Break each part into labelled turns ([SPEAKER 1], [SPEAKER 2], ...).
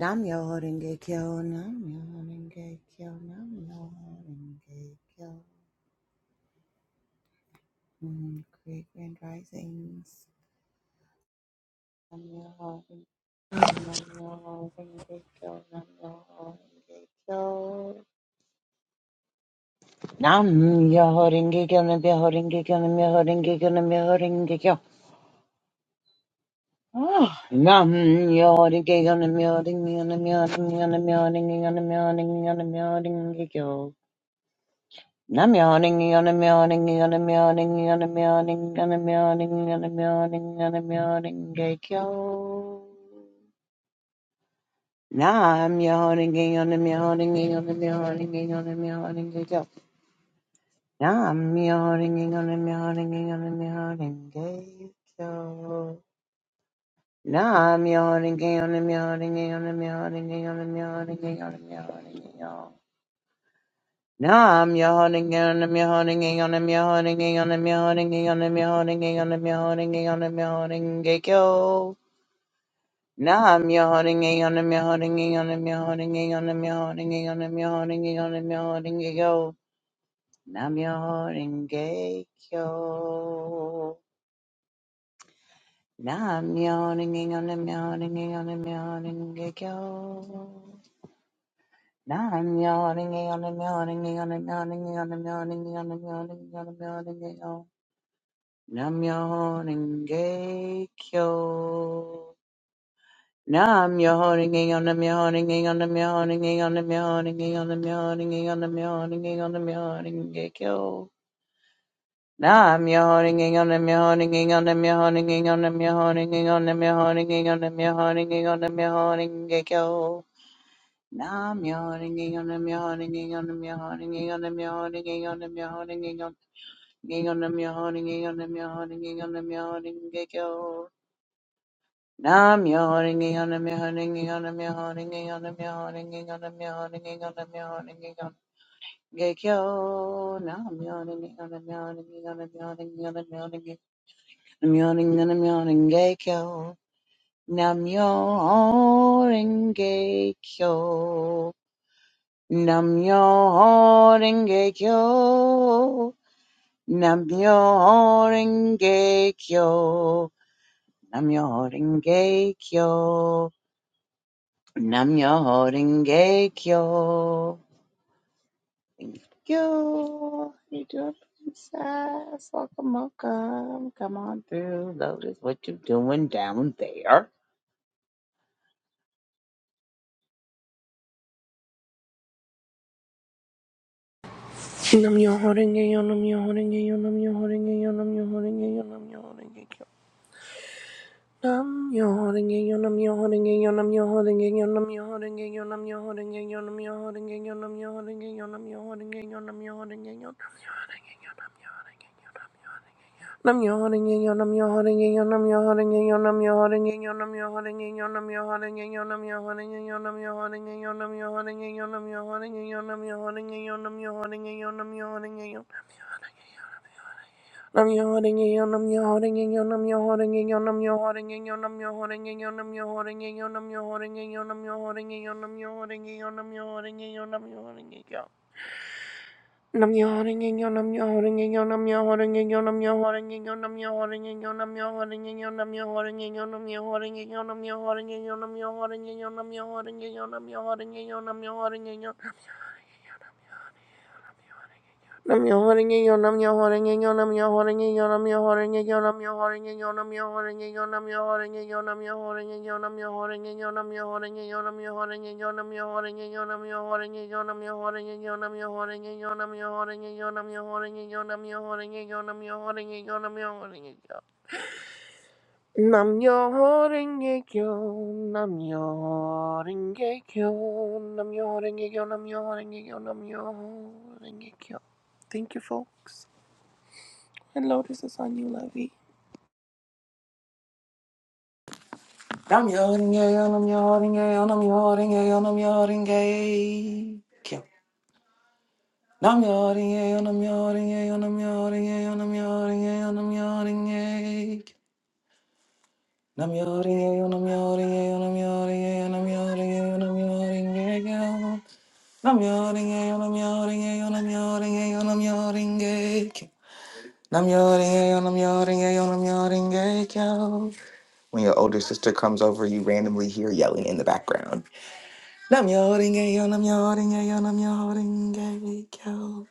[SPEAKER 1] Nam yo horenge kyo, nam yo horenge kyo, nam yo horenge kyo. Mm, Great Grand Risings. Nam yo horenge kyo, nam yo horenge kyo, nam yo horenge kyo. Nam yo horenge kyo, nam yo horenge kyo, nam yo horenge kyo, nam yo horenge kyo. Ah, Nam yo horenge kyo, nam yo horenge kyo, nam yo horenge kyo, nam yo horenge kyo, nam yo horenge kyo. I'm yawning, yawning, yawning, yawning, yawning, yawning, yawning, yawning, yawning, yawning, yawning, yawning, yawning, get yo. Now I'm yawning, yawning, yawning, yawning, yawning, yawning, yawning, get yo. Now I'm yawning, yawning, yawning, yawning, yawning, get yo. Now I'm yawning, yawning, yawning, yawning, yawning, yawning, yawning, yawning, yawning, yawning. Nam yawning and I'm yawning on him yawning on him yawning on him yawning on him yawning on him yawning gekyo. Nam yawning on him yawning on him yawning on him yawning on him yawning on him yawning gekyo. Nam yawning gekyo. Nam yawning on him yawning on him yawning gekyo. Nam yawning on him yawning on him yawning on him yawning on him yawning on him yawning Namyo Renge Kyo. Namyo Renge on Namyo Renge on Namyo Renge on Namyo Renge on Namyo Renge on Namyo Renge on Namyo Renge Kyo. Namyo Renge on Namyo Renge on Namyo Renge on Namyo Renge on Namyo Renge on Namyo Renge on Namyo Renge Kyo. Namyo Renge on Namyo Renge on Namyo Renge on Namyo Renge on Namyo Renge on Namyo Renge on Namyo Renge on Namyo Renge Kyo. Nam yawning on a mihawning on a mihawning on a mihawning on a mihawning on a mihawning on Gekyo, now I'm yawning on a mihawning on a mihawning on a mihawning I'm yawning on a mihawning Gekyo, Nam yawning Gekyo, Nam yawning Gekyo, Nam yawning Gekyo, Nam yawning Gekyo. Nam yo holding gay kyo. you doing, princess? Welcome, welcome. Come on through. Lotus, what you doing down there?
[SPEAKER 2] Nam yo horenge yo nam yo horenge yo nam yo horenge yo nam yo horenge yo nam yo horenge kyo. Nam yo horenge yo nam yo horenge yo nam yo horenge yo nam yo horenge yo nam yo horenge yo nam yo horenge yo nam yo horenge yo nam yo horenge yo nam yo horenge yo nam yo horenge yo nam yo horenge yo nam yo Nam yo horenge yo nam yo horenge yo nam yo horenge yo nam yo horenge yo nam yo horenge yo nam yo horenge yo nam yo horenge yo nam yo horenge yo nam yo horenge yo nam yo horenge yo nam yo horenge yo nam yo horenge yo nam yo horenge yo Nam yo holding in on your holding in on your holding in on your holding in on your holding in on your holding in on your holding in on your holding in on your holding in on your holding in on your holding in Nam yo holding in on your holding in on your holding in on your holding in on your holding in on your holding in on your holding in on your holding in on your holding in on your holding in on your holding in on your holding in on your holding in on your holding in Namjoon, thank you, folks. And Lotus is on you, lovey.
[SPEAKER 3] Nam am nam i nam yawning, nam am yawning, I'm yawning, kill. I'm yawning, I'm yawning, I'm yawning, I'm yawning, I'm yawning, I'm Nam i nam yawning, nam am nam I'm yawning, I'm yawning, I'm yawning, When your older sister comes over, you randomly hear yelling in the background. Nam yoring a yo, nam yoring a yo, nam yoring a yo.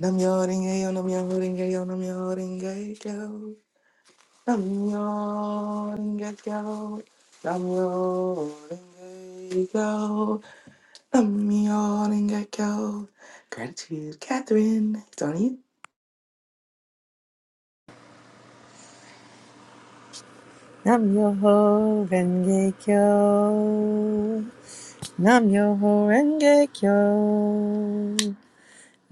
[SPEAKER 3] Nam yoring a yo, nam yoring a yo, nam yoring a yo. Nam yoring a yo, nam yoring a yo, nam yoring a yo. Gratitude, Catherine. It's on you.
[SPEAKER 4] Namyoho Renge Kyo. Namyoho Renge Kyo.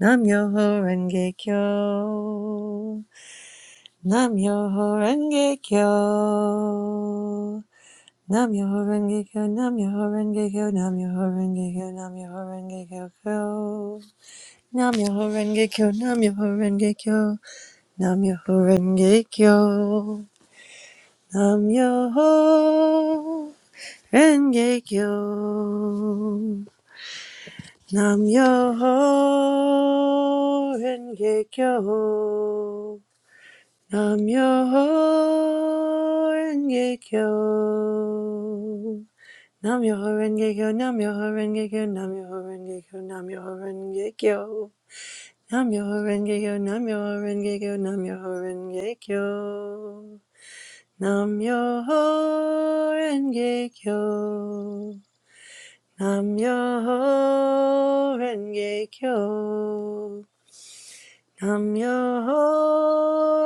[SPEAKER 4] Namyoho Renge Kyo. Namyoho Renge Kyo. Namyoho Renge Kyo. Namyoho Renge Kyo. Namyoho Renge Kyo. Namyoho Renge Kyo. Namyoho Renge Kyo. Namyoho Renge Kyo. Namyoho Renge Kyo. Namyoho Renge Kyo. Rengekyo. Nam Yoho Rengekyo. Nam Yoho Rengekyo. Nam Yoho Rengekyo. Nam Yoho Rengekyo. Nam Yoho Rengekyo. Nam Yoho Rengekyo. Nam Yoho Rengekyo. Nam Yoho Rengekyo. Nam Yoho Rengekyo. Nam Yoho Rengekyo. Namyo Renge Kyo. Namyo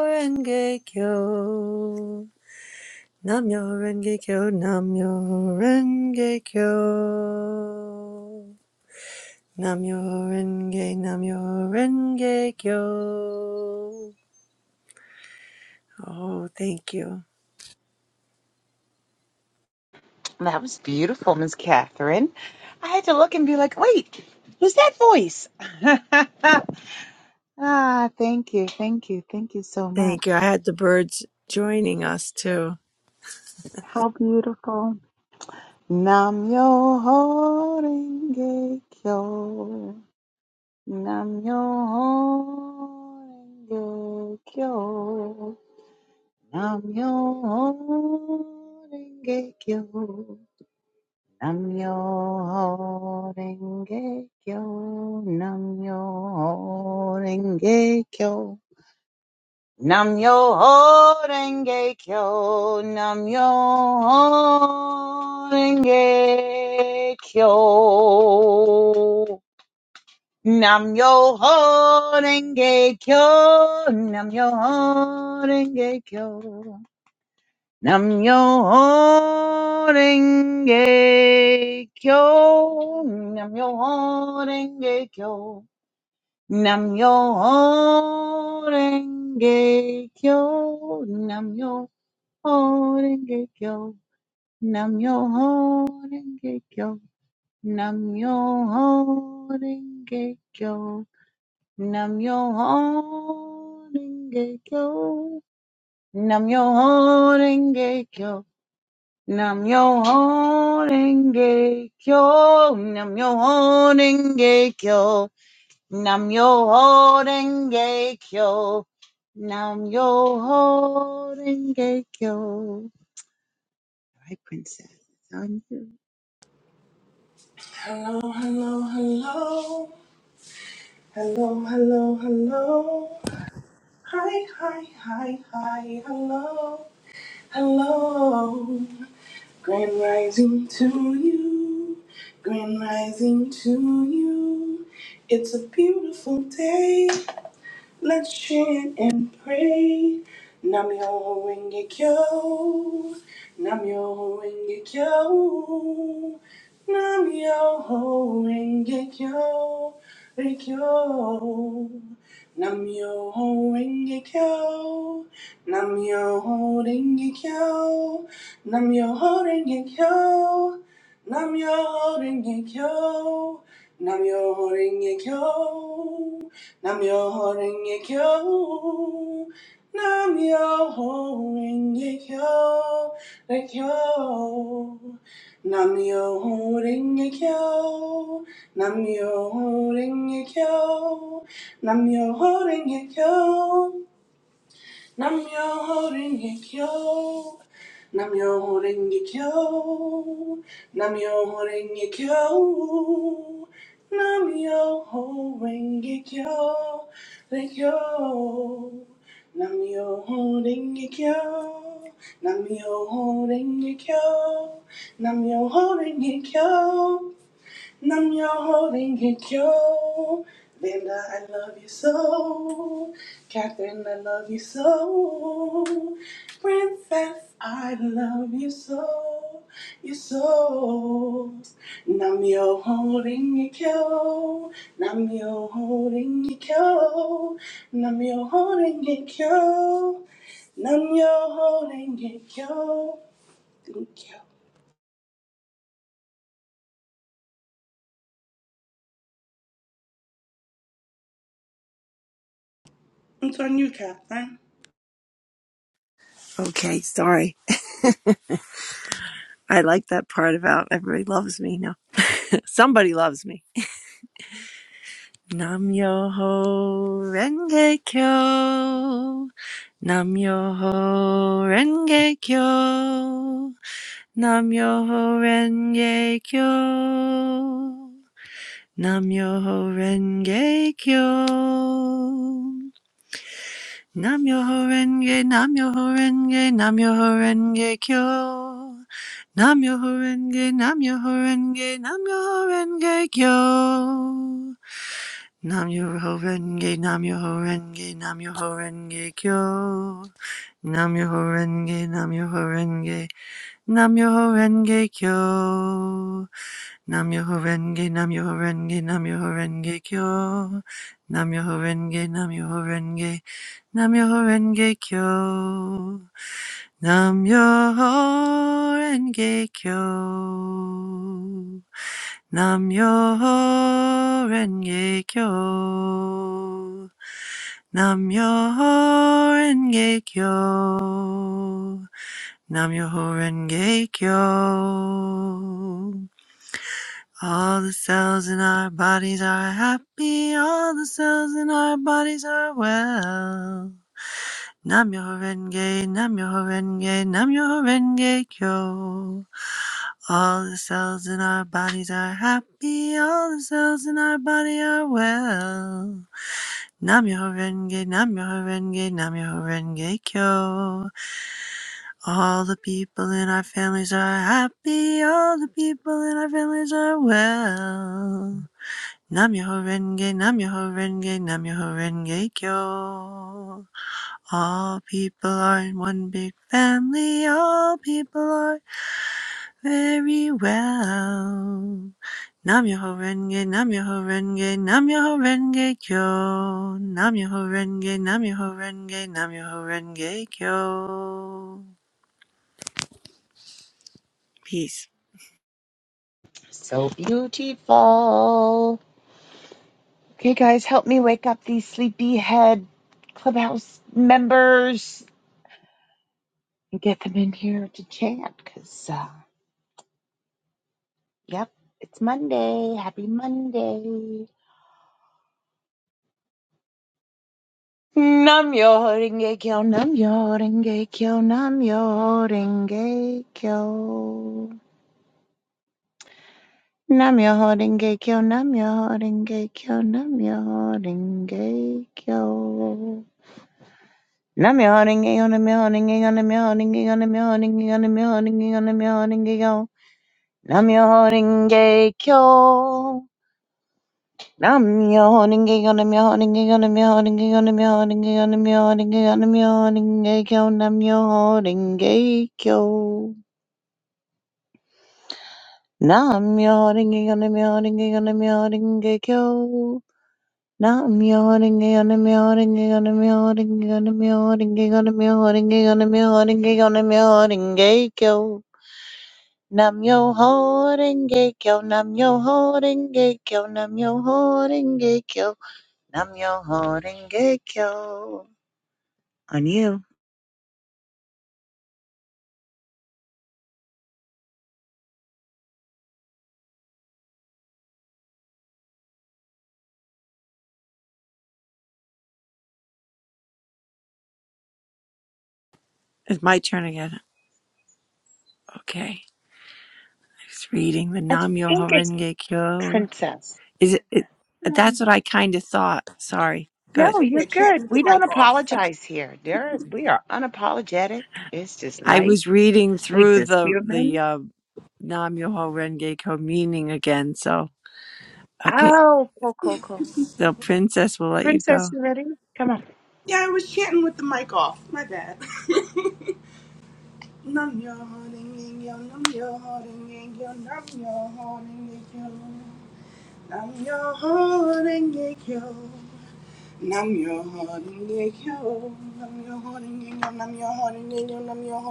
[SPEAKER 4] Renge Kyo. Namyo Renge Kyo. Namyo Renge Kyo. Namyo Renge Namyo Renge Kyo. Oh, thank you.
[SPEAKER 1] That was beautiful, Miss Catherine. I had to look and be like, wait, who's that voice? ah, thank you, thank you, thank you so
[SPEAKER 4] Thank you. I
[SPEAKER 1] much.
[SPEAKER 4] had the birds joining us too.
[SPEAKER 1] How beautiful. Nam yo holding gay kyo. Nam-myoho-renge-kyo. Nam-myoho-renge-kyo. Nam-myoho-renge-kyo. Nam-myoho-renge-kyo. Nam-myoho-renge-kyo. Nam-myoho-renge-kyo. Nam yo ho renge kyo, nam yo ho renge kyo, nam yo ho renge kyo, nam yo ho renge kyo, nam yo ho renge kyo, nam yo ho renge kyo, nam yo ho renge kyo, nam yo ho renge kyo. Nam yo ho renge kyo. Nam yo ho renge kyo. Nam yo ho renge kyo. Nam yo ho renge kyo. Nam yo ho renge kyo. Nam yo ho renge kyo. Hi, princess. On you.
[SPEAKER 2] Hello, hello, hello. Hello, hello, hello. Hi, hi, hi, hi. Hello, hello. Grand rising to you. Grand rising to you. It's a beautiful day. Let's chant and pray. Namyo Rengekyo. Namyo Rengekyo. Namyo Rengekyo. Rengekyo. Namyo Rengekyo. Namyo Rengekyo. Namyo Rengekyo. Namyo Rengekyo. Namyo Rengekyo. Namyo Renge Kyo. Namyo Renge Kyo. Renge Namyo Renge Kyo. Namyo Renge Kyo. Namyo Renge Kyo. Namyo Horenge Kyo. Namyo Horenge Kyo. Namyo Horenge Kyo. Namyo Horenge Kyo. Kyo. Namyo Horenge Kyo. Namyo Horenge Kyo. Namyo Horenge Kyo. Numb your holding it, Joe. Linda, I love you so. Catherine, I love you so. Princess, I love you so. You so. Numb your holding it, Joe. Numb your holding it, Joe. Numb your holding it, Joe. Numb your holding it, Joe. Thank you. It's on you, Catherine.
[SPEAKER 4] Okay, sorry. I like that part about everybody loves me now. Somebody loves me. Nam yo ho renge kyo. Nam yo ho renge kyo. Nam yo ho renge kyo. Nam yo ho renge kyo. Nam yo renge, nam yo renge, nam yo renge kyo. Nam yo renge, nam yo renge, nam yo renge kyo. Nam Yoho Renge, Nam Yoho Renge, Nam Yoho Renge Kyo. Nam Yoho Renge, Nam Yoho Renge, Nam Yoho Renge Kyo. Nam Yoho Renge, Nam Yoho Renge, Nam Yoho Renge Kyo. Nam Yoho Renge, Nam Yoho Renge, Nam Yoho Renge Kyo. Nam Yoho Renge Kyo. Namyo Renge Kyo. Namyo Renge Kyo. Namyo Renge Kyo. All the cells in our bodies are happy. All the cells in our bodies are well. Nam yo renge, nam yo renge, nam yo renge kyo. All the cells in our bodies are happy. All the cells in our body are well. Nam yo renge, nam yo renge, nam yo renge kyo. All the people in our families are happy. All the people in our families are well. Namyoho Renge, Namyoho Renge, Namyoho Renge Kyo. All people are in one big family, all people are very well. Namyoho Renge, Namyoho Renge, Namyoho Renge Kyo. Namyoho Renge, Namyoho Renge, Namyoho Renge Kyo. Peace.
[SPEAKER 1] So beautiful. Okay, guys, help me wake up these sleepyhead clubhouse members. and get them in here to chat because, uh, yep, it's Monday. Happy Monday. Nam yo renge kyo, nam yo renge kyo, nam yo renge kyo. Nam yo renge kyo, nam renge kyo, nam yo renge kyo. Nam renge kyo, nam yo renge kyo, nam renge kyo, nam yo renge kyo, nam renge kyo, nam yo renge kyo. Nam renge kyo. Nam-myoho-renge-kyo. Nam-myoho-renge-kyo. Nam-myoho-renge-kyo. Nam-myoho-renge-kyo. Nam-myoho-renge-kyo. Nam-myoho-renge-kyo. Nam-myoho-renge-kyo. On you.
[SPEAKER 4] It's my turn again. Okay. I was reading the
[SPEAKER 1] I think
[SPEAKER 4] Namyoho
[SPEAKER 1] it's
[SPEAKER 4] Renge Kyo
[SPEAKER 1] princess.
[SPEAKER 4] Is it, it
[SPEAKER 1] Hmm.
[SPEAKER 4] that's what I kind of thought. Sorry.
[SPEAKER 2] I was
[SPEAKER 4] Good.
[SPEAKER 1] No,
[SPEAKER 2] up
[SPEAKER 1] you're
[SPEAKER 2] here
[SPEAKER 1] good.
[SPEAKER 2] chatting with
[SPEAKER 1] We
[SPEAKER 2] the
[SPEAKER 1] don't
[SPEAKER 2] mic off.
[SPEAKER 1] apologize here. There is we are unapologetic. It's just
[SPEAKER 4] I
[SPEAKER 1] life.
[SPEAKER 4] was reading
[SPEAKER 1] We
[SPEAKER 4] through
[SPEAKER 1] just
[SPEAKER 4] the the
[SPEAKER 1] human.
[SPEAKER 4] uh, Nam Yoho Renge Ko meaning again. So okay.
[SPEAKER 1] Oh, cool, cool, cool.
[SPEAKER 4] So princess, we'll let you
[SPEAKER 1] Princess,
[SPEAKER 4] go.
[SPEAKER 1] you ready? Come on.
[SPEAKER 2] Yeah, I was chanting with the mic off. My bad. Nam yo holding in yo, nam yo holding in yo, nam yo holding in yo. Nam yo holding in yo. Nam yo holding in yo. Nam yo holding in yo, nam yo holding in yo, nam yo holding in yo. Nam yo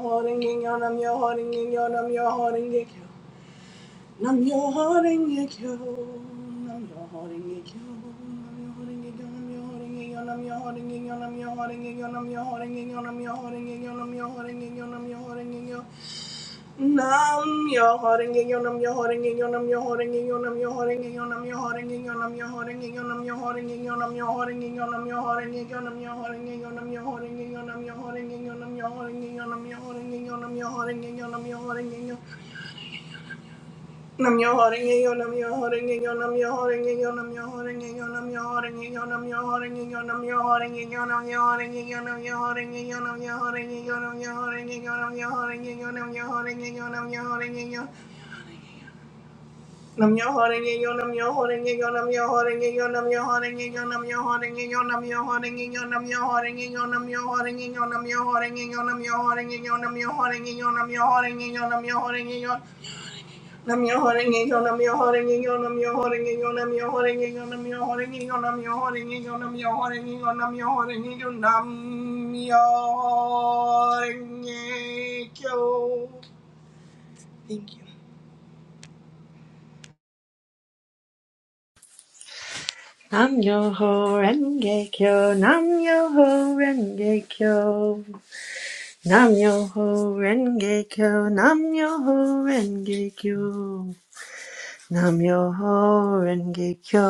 [SPEAKER 2] holding in yo, nam yo holding in yo, nam yo holding in yo. Nam yo holding it on, I'm your holding it on, I'm your holding it on, I'm your holding it on, I'm your holding it on, I'm your holding it on, I'm your holding it on, I'm your holding it on, I'm your holding it on, I'm your holding it on, I'm your holding it on, I'm your holding it on, I'm your holding it on, I'm your holding it on. I'm your holding it on, I'm your holding it on, I'm your holding it on, I'm your holding it on, I'm your holding it on, I'm your holding it on, I'm your holding it on, I'm your holding it on, I'm your holding it on, I'm your holding it on, I'm your holding it on, I'm your holding it on, I'm your holding it on. Namyo Horengekyo Namyo Horengekyo Namyo Horengekyo Namyo Horengekyo Namyo Horengekyo Namyo Horengekyo Namyo Horengekyo Namyo Horengekyo Namyo Horengekyo
[SPEAKER 4] Nam yo ho renge kyo, nam yo ho renge kyo, nam yo ho renge kyo, nam yo ho renge kyo. Nam yo ho renge kyo,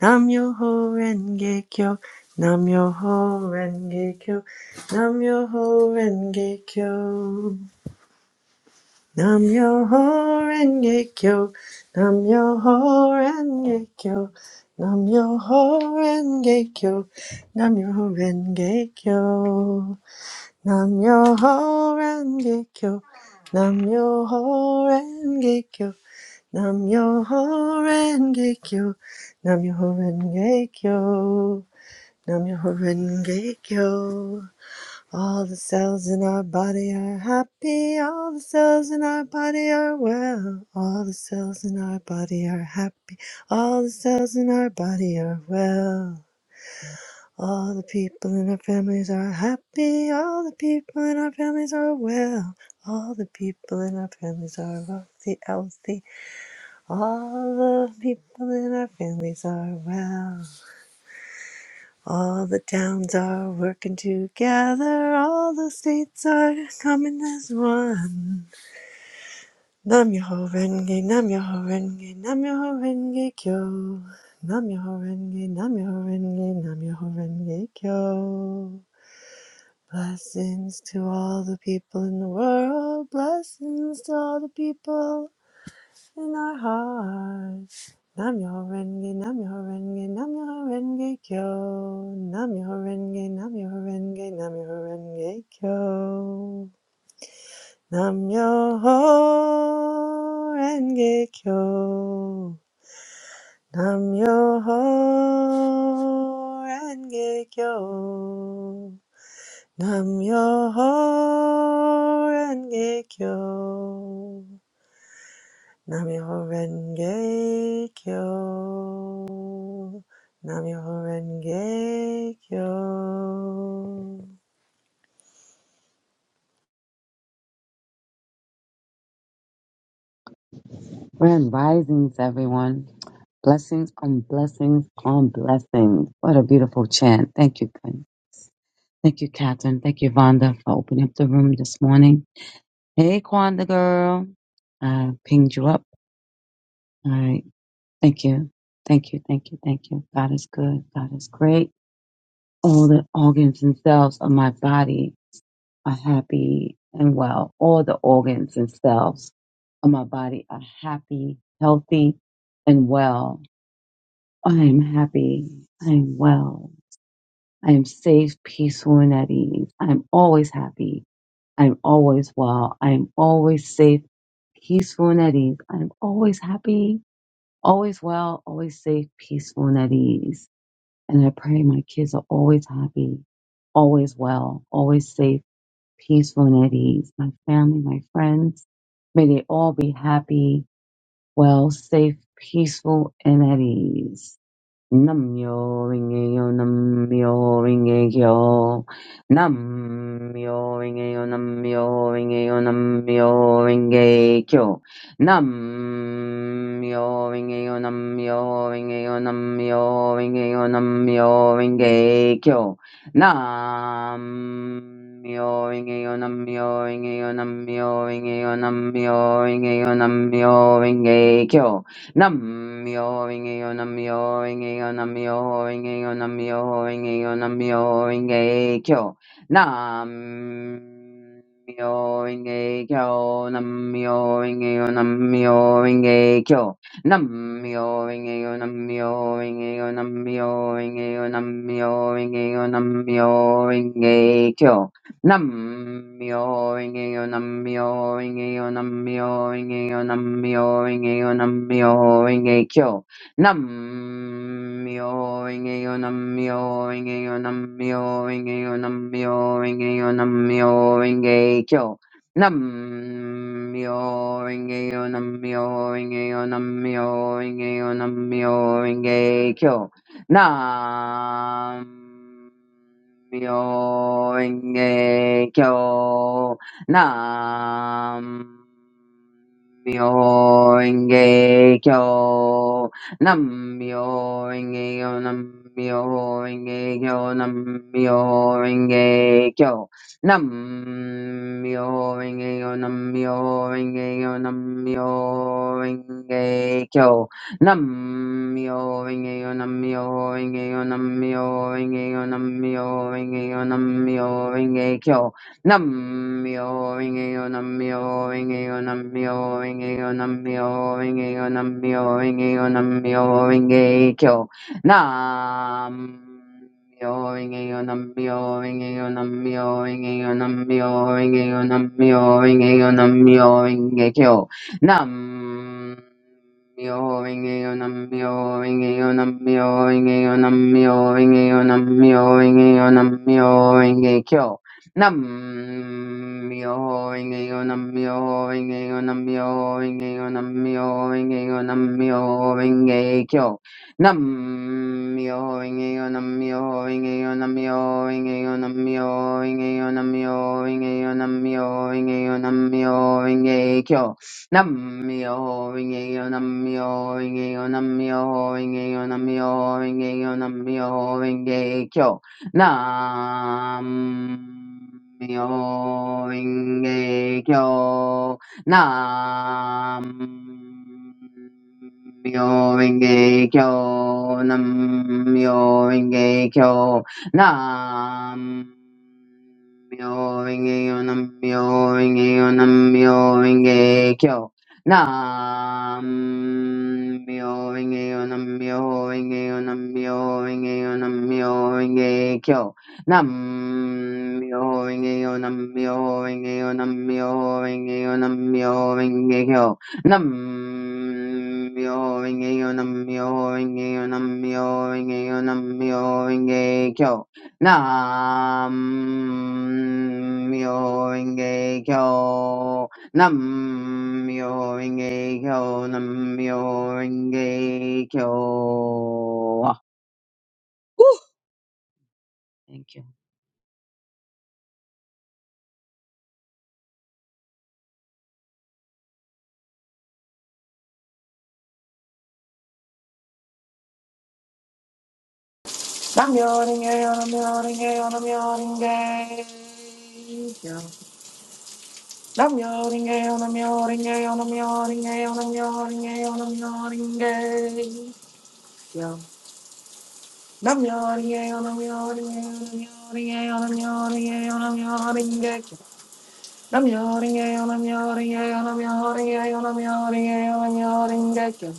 [SPEAKER 4] nam yo ho renge kyo, nam yo ho renge kyo, nam yo ho renge kyo, nam yo ho renge kyo, nam yo ho renge kyo, nam yo ho renge kyo, nam yo ho renge kyo, nam yo ho renge kyo, nam yo ho renge kyo. Nam yo ho renge kyo. Nam yo ho renge kyo. Nam yo ho renge kyo. All the cells in our body are happy. All the cells in our body are well. All the cells in our body are happy. All the cells in our body are well. All the people in our families are happy. All the people in our families are well. All the people in our families are wealthy, healthy, all the people in our families are well. All the towns are working together. All the states are coming as one. Nam Yoho Renge, Nam Yoho Renge, Nam Yoho Renge Kyo. Nam Yoho Renge, Nam Yoho Renge, Nam Yoho Renge Kyo. Blessings to all the people in the world. Blessings to all the people in our hearts. Namyo Renge, Namyo Renge, Namyo Renge Kyo. Namyo Renge, Namyo Renge, Namyo Renge Kyo. Namyo Renge Kyo. Namyo Renge Kyo. Namyo Renge Kyo. Namyo Renge Kyo. Namyo Renge Kyo.
[SPEAKER 5] Grand risings, everyone. Blessings on blessings on blessings. What a beautiful chant. Thank you, Quinn. Thank you, Catherine. Thank you, Vonda, for opening up the room this morning. Hey, Kwanda girl. I pinged you up. All right. Thank you. Thank you. Thank you. Thank you. God is good. God is great. All the organs and cells of my body are happy and well. All the organs and cells of my body are happy, healthy, and well I am happy. I am well. I am safe, peaceful, and at ease. I am always happy. I am always well. I am always safe, peaceful, and at ease. I am always happy, always well, always safe, peaceful, and at ease. And I pray my kids are always happy, always well, always safe, peaceful, and at ease. My family, my friends, may they all be happy, well, safe, peaceful, and at ease. Namyo Rinkeyo, Namyo Rinkeyo, Namyo Rinkeyo, Namyo Rinkeyo, Namyo Rinkeyo, Namyo Rinkeyo, Namyo Rinkeyo, Namyo Rinkeyo, Namyo Rinkeyo, Namyo Rinkeyo, Namyo Rinkeyo, Namyo Rinkeyo, Namyo Rinkeyo, Namyo Rinkeyo, Nam-myoho-renge-kyo, Nam-myoho-renge-kyo, Nam-myoho-renge-kyo, Nam-myoho-renge-kyo, Nam-myoho-renge-kyo. Nam-myoho-renge-kyo, Nam-myoho-renge-kyo, Nam-myoho-renge-kyo. Nam-myoho-renge-kyo. Nam-myoho-renge-kyo, Nam-myoho-renge-kyo, Nam-myoho-renge-kyo, Nam-myoho-renge-kyo, Nam-myoho-renge-kyo. Nam-myoho-renge-kyo, Nam-myoho-renge-kyo, Nam-myoho-renge-kyo, Nam-myoho-renge-kyo. Nam myoho renge kyo nam nam myoho renge kyo nam myoho renge kyo nam myoho renge kyo nam myoho renge kyo nam myoho renge kyo nam myoho renge kyo Namyo-renge-kyo. Namyo-renge-kyo. Namyo-renge-kyo. Namyo-renge-kyo. Namyo-renge-kyo. Namyo-renge-kyo. Namyo Rinkeyo Namyo Rinkeyo Namyo Rinkeyo Namyo Rinkeyo Namyo Rinkeyo Namyo Rinkeyo Namyo Rinkeyo Namyo Rinkeyo Namyo Rinkeyo Namyo Rinkeyo Namyo Rinkeyo Namyo Rinkeyo Nam nam inge onam myo inge onam myo inge onam myo inge onam myo inge onam myo inge kyo nam myo inge onam myo inge onam myo inge onam myo inge onam myo inge kyo Nam myoho inge onam myo inge onam myo inge onam myo inge onam myo inge onam myo inge onam myo inge kyo Namyo Rinkeyo Namyo Rinkeyo Namyo Rinkeyo Namyo Rinkeyo Namyo Rinkeyo Namyo Rinkeyo Namyo Rinkeyo Namyo Rinkeyo Namyo Rinkeyo, Nam-myoho-renge-kyo. Nam-myoho-renge-kyo. Nam-myoho-renge-kyo. Nam-myoho-renge-kyo. Nam-myoho-renge-kyo. Nam-myoho-renge-kyo. Nam-myoho-renge-kyo. Nam-myoho-renge-kyo. Nam-myoho-renge-kyo. Nam-myoho-renge-kyo. Nam-myoho-renge-kyo. Nam-myoho-renge-kyo. Nam myo inge kyo. Nam myo inge kyo. Nam myo inge kyo. Whew! Thank you.
[SPEAKER 3] Nam yoring a yo, nam yoring a yo, nam yoring a yo. Nam yoring a yo, nam yoring a yo, nam yoring a yo, nam yoring a yo, nam yoring a yo. Yo. Nam yo, nam yo, nam yo, nam yo, nam yo, nam yo, nam yo, nam yo, nam yo. Nam yo, nam yo, nam yo, nam yo, nam yo, nam yo, nam yo, nam yo, nam yo, nam yo.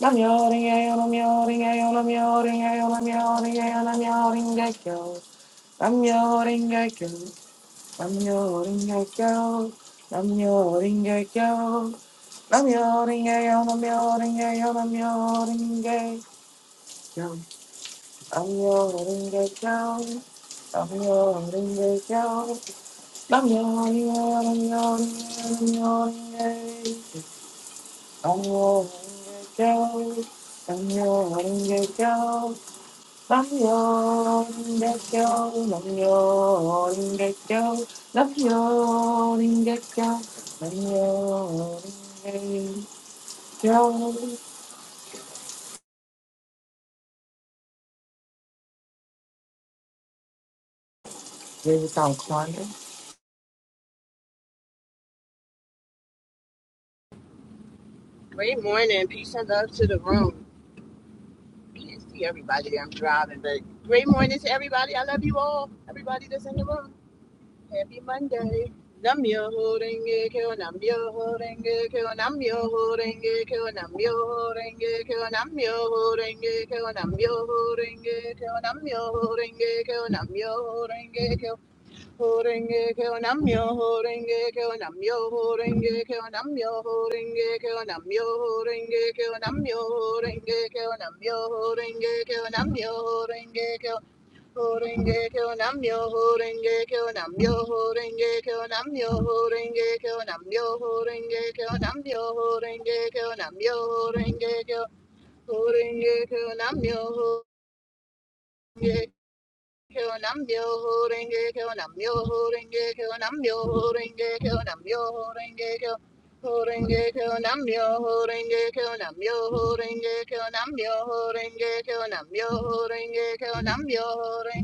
[SPEAKER 3] Nam yo, nam yo, nam yo, nam yo, nam yo, nam yo, nam yo, nam yo, nam yo, nam yo. Nam yo, nam yo, nam yo, nam yo. Nam yo, nam yo. I'm yawning, yeah, I'm yawning, yeah, I'm yawning, yeah. I'm your ringgit girl. I'm your ringgit girl. I'm your ringgit, I'm your ringgit, I'm your ringgit girl. I'm your ringgit girl. I'm your ringgit girl. I'm your ringgit girl. I'm your ringgit girl. I'm your ringgit girl. Here we go, Quandra.
[SPEAKER 6] Great morning. Peace and love to the room. Can't see everybody. I'm driving, but great morning to everybody. I love you all. Everybody that's in the room. Happy Monday. Namyo Horenge Kyo, Namyo Horenge Kyo, Namyo Horenge Kyo, Namyo Horenge Kyo, Namyo Horenge Kyo, Namyo Horenge Kyo, Namyo Horenge Kyo, Namyo Horenge Kyo, Horenge kyo namyo, horenge kyo namyo, horenge keo namyo, horenge keo namyo, horenge kyo namyo, horenge kyo namyo, horenge kyo namyo, horenge kyo horenge kyo namyo, horenge kyo namyo, horenge keo namyo, horenge kyo namyo, horenge kyo namyo, horenge kyo namyo, horenge kyo horenge kyo namyo. horenge Kill nam yo holding gay, kill nam yo holding gay, kill nam yo holding gay, kill nam yo holding gay, kill holding gay, kill nam yo holding gay, kill nam yo holding gay, kill nam yo holding gay, kill nam yo holding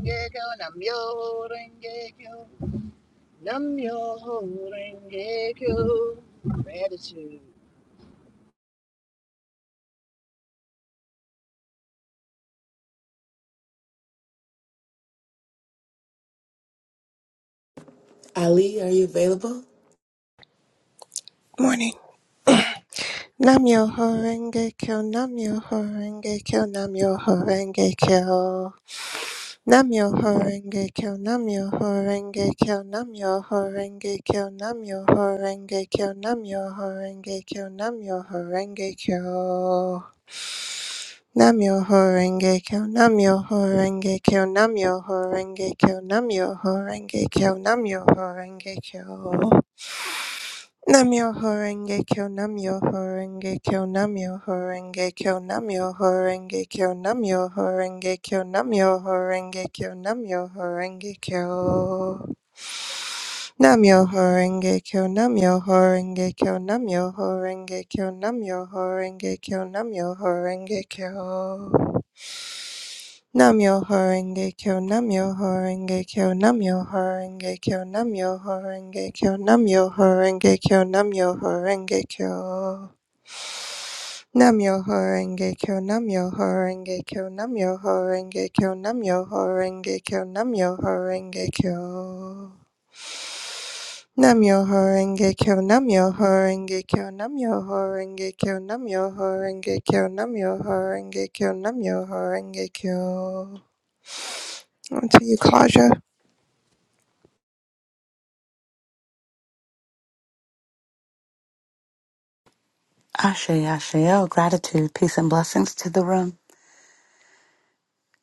[SPEAKER 6] gay, kill nam yo holding gay, kill nam yo holding gay, kill nam yo holding gay, kill gratitude.
[SPEAKER 3] Ali, are you available?
[SPEAKER 7] Morning. Namyo Horenge Kyo, Namyo Horenge Kyo, Namyo Horenge Kyo. Namyo Horenge Kyo, Namyo Horenge Kyo, Namyo Horenge Kyo, Namyo Horenge Kyo, Namyo Horenge Kyo, Namyo Horenge Kyo. Namyo Horenge Kyo, Namyo Horenge Kyo, Namyo Horenge Kyo, Namyo Horenge Kyo, Namyo Horenge Kyo. Namyo Horenge Kyo Namyo Horenge Kyo Namyo Horenge Kyo Namyo Horenge Kyo Namyo Horenge Kyo Namyo Horenge Kyo Namyo Horenge Kyo Namyo Horenge Kyo Namyo Horenge Kyo Namyo Horenge Kyo Namyo Horenge Kyo Namyo Horenge Kyo Namyo Horenge Kyo Namyo Horenge Kyo Namyo Horenge Kyo Namyo Horenge Kyo Namyo Horenge Kyo Namyo Horenge Kyo Namyo Horenge Kyo Namyo Horenge Kyo Namyo Horenge Kyo Namyo Horenge Kyo Namyo Horenge Kyo Namyo Horenge Kyo Namyo Horenge Kyo Namyo Horenge Kyo Namyo Horenge Kyo Namyo Horenge Kyo Namyo Horenge Kyo Onto you, Claudia.
[SPEAKER 8] Ashe, Ashe, oh, gratitude, peace, and blessings to the room.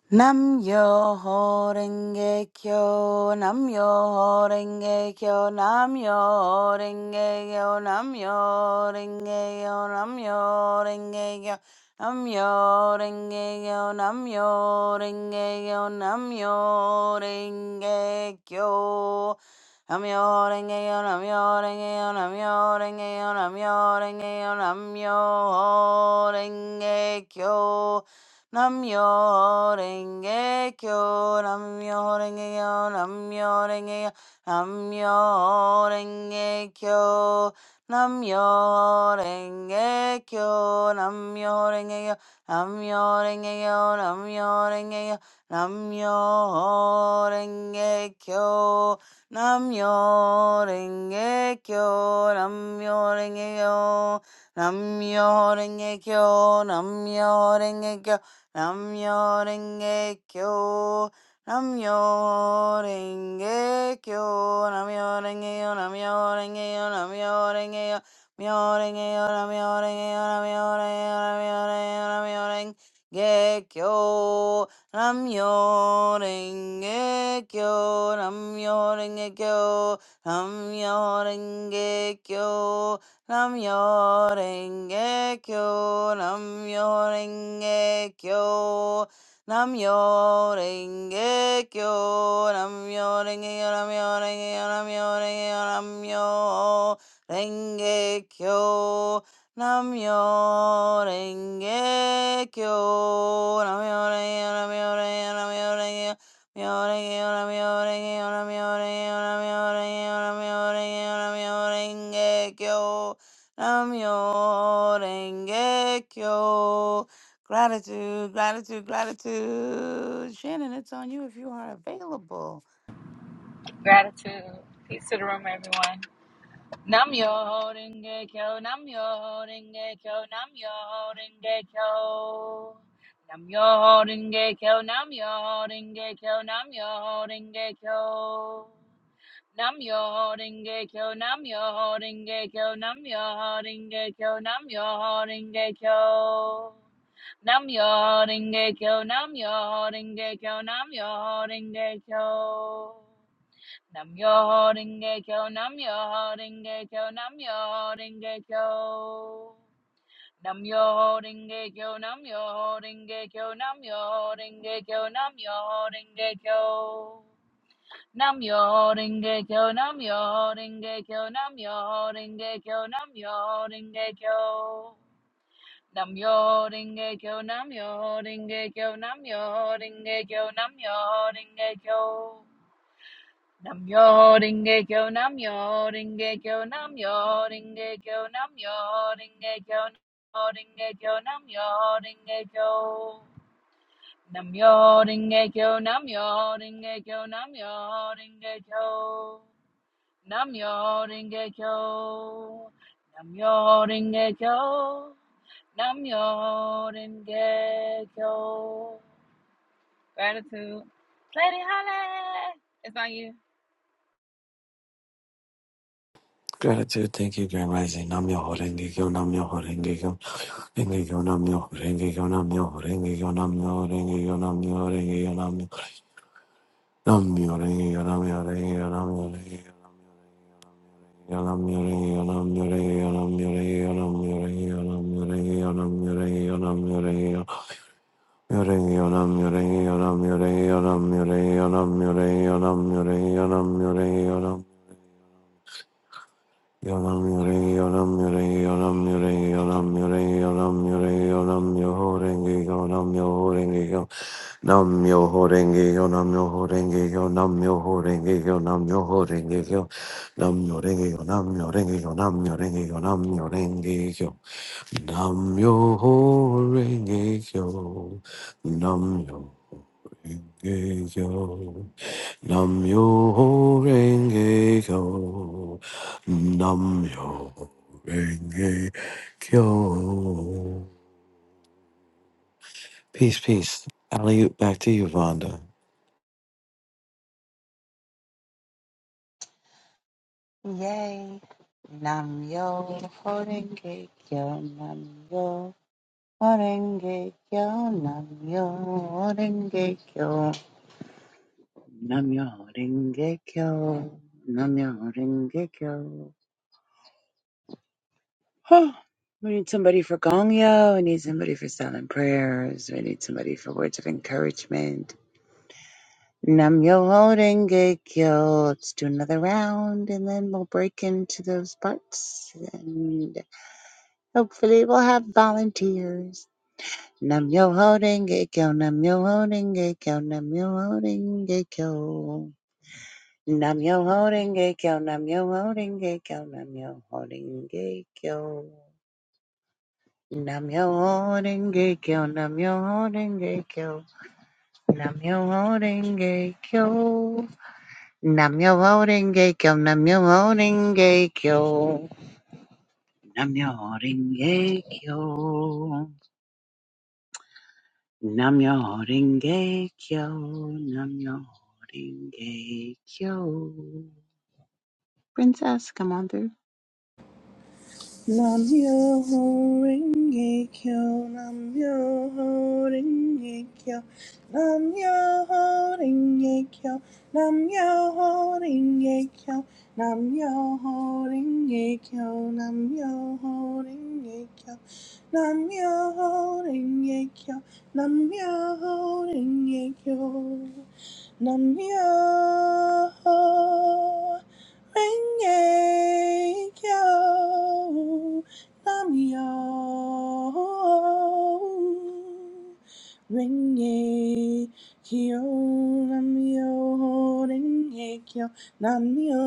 [SPEAKER 8] Nam yo ho renge kyo, nam yo ho renge kyo, nam yo ho renge kyo, nam yo ho renge kyo, nam yo ho renge kyo, nam yo ho renge kyo, nam yo ho renge kyo, nam yo ho renge kyo. I'm your engel, I'm yo, engel, I'm your engel, I'm your engel, I'm your engel. Namyo Renge Kyo, Namyo Renge Kyo, Namyo Renge Kyo, Namyo Renge Kyo, Namyo Renge Kyo, Namyo Renge Kyo, Namyo Renge Kyo, Namyo Renge Kyo, Namyo Renge Kyo, Namyo Renge Kyo, Namyo Renge Kyo, Namyo Renge Kyo, Namyo Renge Kyo, Namyo Renge Kyo. Namyo Renge Kyo. Namyo Renge Yo. Namyo Renge Yo. Namyo Renge Yo. Myo Renge Yo. Namyo Renge Yo. Namyo Renge Yo. Namyo Renge Yo. Namyo Renge Kyo. Namyo Renge Kyo. Namyo Renge Kyo. Namyo Renge Kyo. Namyo Renge Kyo, Namyo Renge Kyo, Namyo Renge Kyo, Namyo Renge Kyo, Namyo Renge Kyo, Namyo Renge Kyo, Namyo Renge Kyo, Namyo Renge Kyo, Namyo Renge Kyo, Namyo Renge Kyo, Namyo Renge Kyo, Namyo Renge Kyo, Namyo Renge Kyo, Namyo Renge Kyo, Namyo Renge Kyo, Namyo Renge Kyo, Namyo Renge Kyo. Namyo Renge Kyo. Gratitude, gratitude, gratitude. Shannon, it's on you if you are available.
[SPEAKER 9] Gratitude. Peace to the room, everyone. Nam yo holding kyo, nam yo holding kyo, nam yo holding kyo. Nam yo holding kyo, nam yo holding kyo, nam yo holding kyo. Nam yo holding kyo, nam yo holding kyo, nam yo holding kyo, nam yo holding kyo. Nam yo holding kyo, nam yo holding kyo, nam yo kyo. Nam yo ringe kyo, nam yo ringe kyo, nam yo ringe kyo. Nam yo ringe kyo, nam yo ringe kyo, nam yo ringe kyo, nam yo ringe kyo. Nam yo ringe kyo, nam yo ringe kyo, nam yo ringe kyo, nam yo ringe kyo. Nam yo ringe kyo, nam yo ringe kyo, nam yo ringe kyo, nam yo ringe kyo. Namyo Rengekyo, Namyo Rengekyo, Namyo Rengekyo, Namyo Rengekyo, Namyo Rengekyo, Namyo Rengekyo. Namyo Rengekyo, Namyo Rengekyo, Namyo Rengekyo, Namyo Rengekyo, Namyo Rengekyo, Namyo Rengekyo. Gratitude. Lady Holly, it's on you.
[SPEAKER 10] Gratitude, thank you, Grand Rising. Nam yo horenge kyo, nam yo horenge kyo, renge kyo, nam yo horenge kyo, nam yo horenge kyo, nam yo horenge kyo, nam yo horenge kyo, nam yo nam yo horenge kyo, nam yo horenge kyo, nam yo horenge kyo, nam yo horenge kyo, nam yo horenge kyo, nam yo horenge kyo, nam yo horenge kyo, nam yo horenge kyo, nam yo horenge kyo, nam yo horenge kyo. Yonam yore yonam yore yonam yore yonam yore yonam yore yonam yoho renge yonam yoho renge yo nam yoho renge yo nam yoho renge yo nam yorengi, renge yorengi, nam yorengi, renge yorengi, nam yo renge yo nam yo renge yo nam yo renge yo nam yo renge yo nam yoho renge yo nam yo Renge Kyo. Nam Myoho Renge Kyo. Nam Myoho Renge Kyo. Peace, peace. Alley, back to you, Vonda.
[SPEAKER 1] Yay. Nam yo horenge kyo, nam yo horenge kyo, nam yo horenge kyo, nam yo horenge kyo, nam yo horenge kyo. Huh. We need somebody for Gongyo. We need somebody for silent prayers. We need somebody for words of encouragement. Nam yo holding kyo. Let's do another round and then we'll break into those parts and hopefully we'll have volunteers. Nam yo holding kyo. Nam yo holding kyo. Nam yo holding kyo. Nam yo holding kyo. Nam yo holding kyo. Nam yo holding kyo. Namyo Renge Kyo, Namyo Renge Kyo, Namyo Renge Kyo, Namyo Renge Kyo, Namyo Renge Kyo, Namyo Renge Kyo, Namyo Renge Kyo, Namyo Renge Kyo. Princess, come on through.
[SPEAKER 2] Namyo Renge Kyo, Namyo Renge Kyo, Namyo Renge Kyo, Namyo Renge Kyo, Namyo Renge Kyo, Namyo Renge Kyo, Namyo Renge Kyo, Namyo Renge Kyo, Namyo Renge-kyo, namyo. Renge-kyo, namyo, renge-kyo, namyo,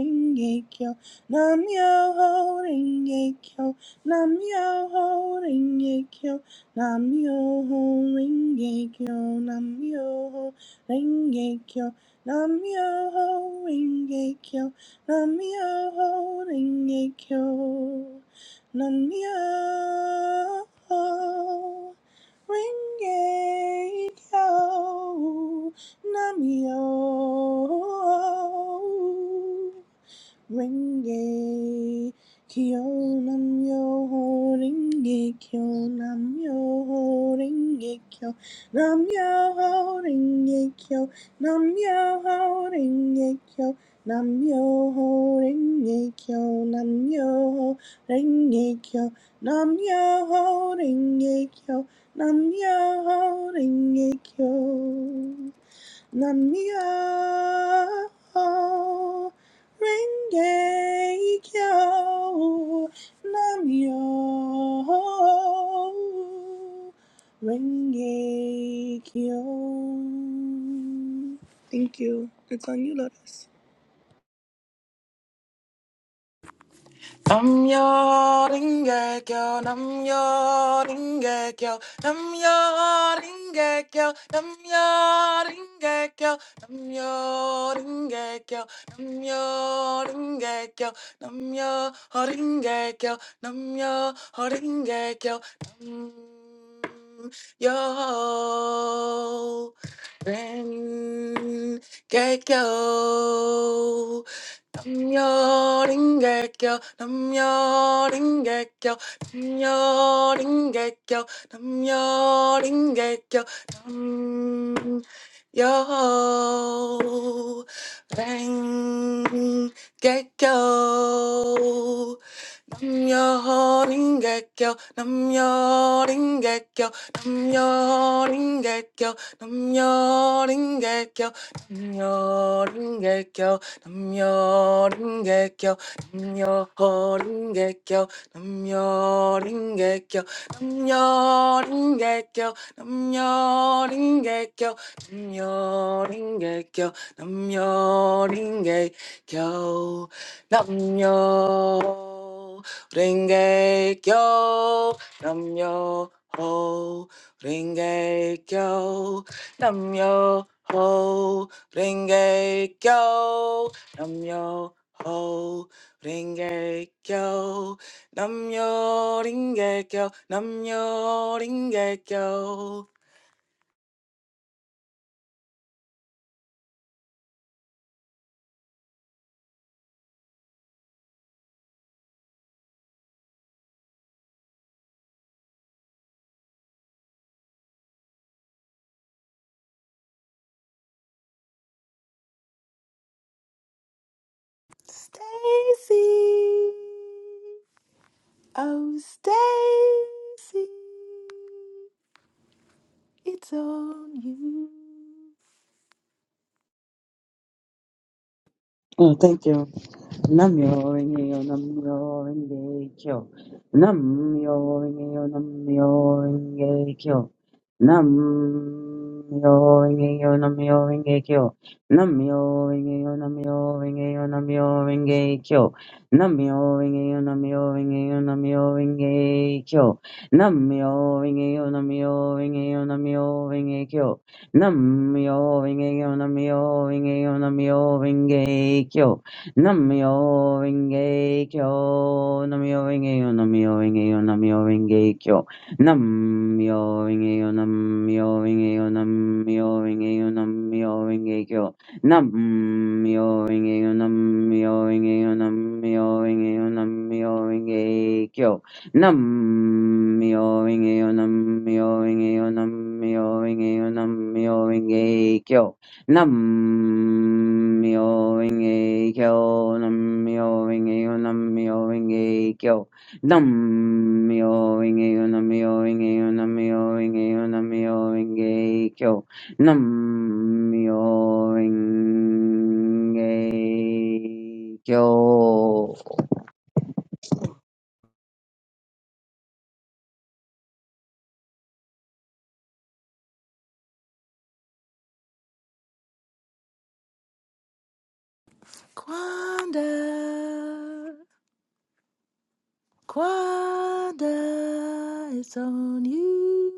[SPEAKER 2] renge-kyo, namyo, renge-kyo, namyo, renge-kyo, namyo, renge-kyo, namyo, renge-kyo, Namyo Renge Kyo, Namyo Renge Kyo, Namyo Renge Kyo, Namyo. Renge Kyo Nam Yo Ho Renge Kyo Nam Yo Ho Renge Kyo Nam Yo Ho Renge Kyo Nam Yo Ho Renge Kyo Nam Yo Ho Renge Kyo Nam Yo Ho Renge Kyo Nam Yo Ho Renge Kyo Nam Yo Ho Renge Kyo Namia Renge Kyo Namio Renge Kyo Thank you. It's on you, Lotus.
[SPEAKER 3] Namjoon get go. Namjoon get go. Namjoon get go. Namjoon get go. Namjoon get go. Namjoon get go. Namjoon get go. Namjoon get go. Namjoon get go. Nyo ring a go, nyo ring a go, nyo ring a go, nyo ring a go, nyo ring a go. Namyo Ringekyo, Namyo Ringekyo, Namyo Ringekyo, Namyo Ringekyo, Namyo Ringekyo, Namyo Ringekyo, Namyo Ringekyo, Namyo Ringekyo, Namyo Ringekyo, Namyo Ringekyo, Namyo Ringekyo, Namyo Ringekyo, Namyo ringekyo namyo ho ringekyo namyo ho ringekyo namyo ho ringekyo namyo ringekyo namyo ringekyo Stacy oh Stacy it's on you
[SPEAKER 5] Oh, thank you. nam myoho renge kyo Namyo-renge-kyo. Namyo-renge-kyo, Namyo-renge-kyo. Namyo-renge-kyo, Namyo-renge-kyo. Namyo-renge-kyo, Namyo-renge-kyo, Namyo-renge-kyo. Namyo-renge-kyo, Namyo-renge-kyo, Namyo-renge-kyo. Namyo-renge-kyo, Namyo-renge-kyo, Namyo-renge-kyo. Namyo Rinkeyo, Namyo Rinkeyo, Namyo Rinkeyo, Namyo Rinkeyo, Namyo Rinkeyo, Namyo Rinkeyo, Namyo Rinkeyo, Namyo Rinkeyo, Namyo Rinkeyo, Namyo Rinkeyo, Namyo Rinkeyo, Namyo Rinkeyo, Namyo Rinkeyo, Namyo Rinkeyo, Namyo Rinkeyo, Nam-myoho-renge-kyo. Nam-myoho-renge-kyo. Nam-myoho-renge-kyo. Nam-myoho-renge-kyo. Nam-myoho-renge-kyo. Nam-myoho-renge-kyo. Nam-myoho-renge-kyo. Nam-myoho-renge-kyo. Nam-myoho-renge-kyo. Nam-myoho-renge-kyo, Nam-myoho-renge-kyo, Nam-myoho-renge-kyo.
[SPEAKER 3] Quanda, Quanda, it's on you.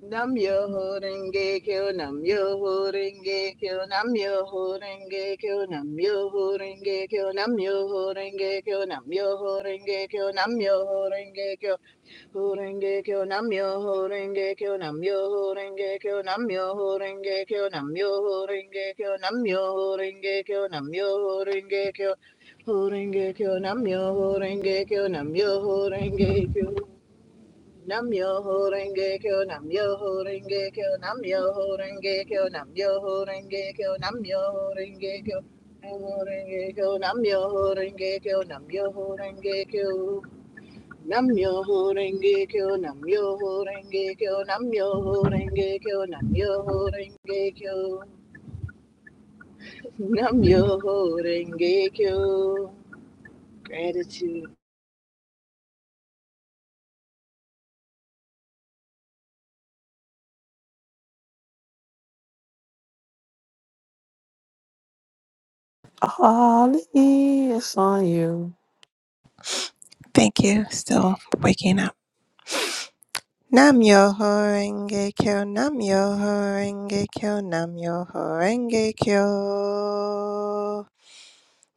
[SPEAKER 6] Nam yo ho renge kyo, nam yo ho renge kyo, nam yo ho renge kyo, nam yo ho renge kyo, nam yo ho renge kyo, nam yo ho renge kyo, nam yo ho renge kyo, ho renge kyo, nam yo ho renge kyo, nam yo ho renge kyo, nam yo ho renge kyo, nam yo ho renge kyo, nam yo ho renge kyo, nam yo ho renge kyo, ho renge kyo, nam yo ho renge kyo, nam yo ho renge kyo. Nam yo ho renge kyo, nam yo ho renge kyo, nam yo ho renge kyo, nam yo ho renge kyo, nam yo ho renge kyo, nam yo renge kyo, nam yo ho renge kyo, nam yo ho renge kyo, nam yo ho renge kyo, nam yo ho renge kyo, nam yo ho renge kyo, nam yo ho renge kyo, nam yo ho renge kyo. Gratitude,
[SPEAKER 10] Ali, it's on you.
[SPEAKER 7] Thank you. Still waking up. Nam yo ho renge kyo, nam yo ho renge kyo, nam yo ho renge kyo.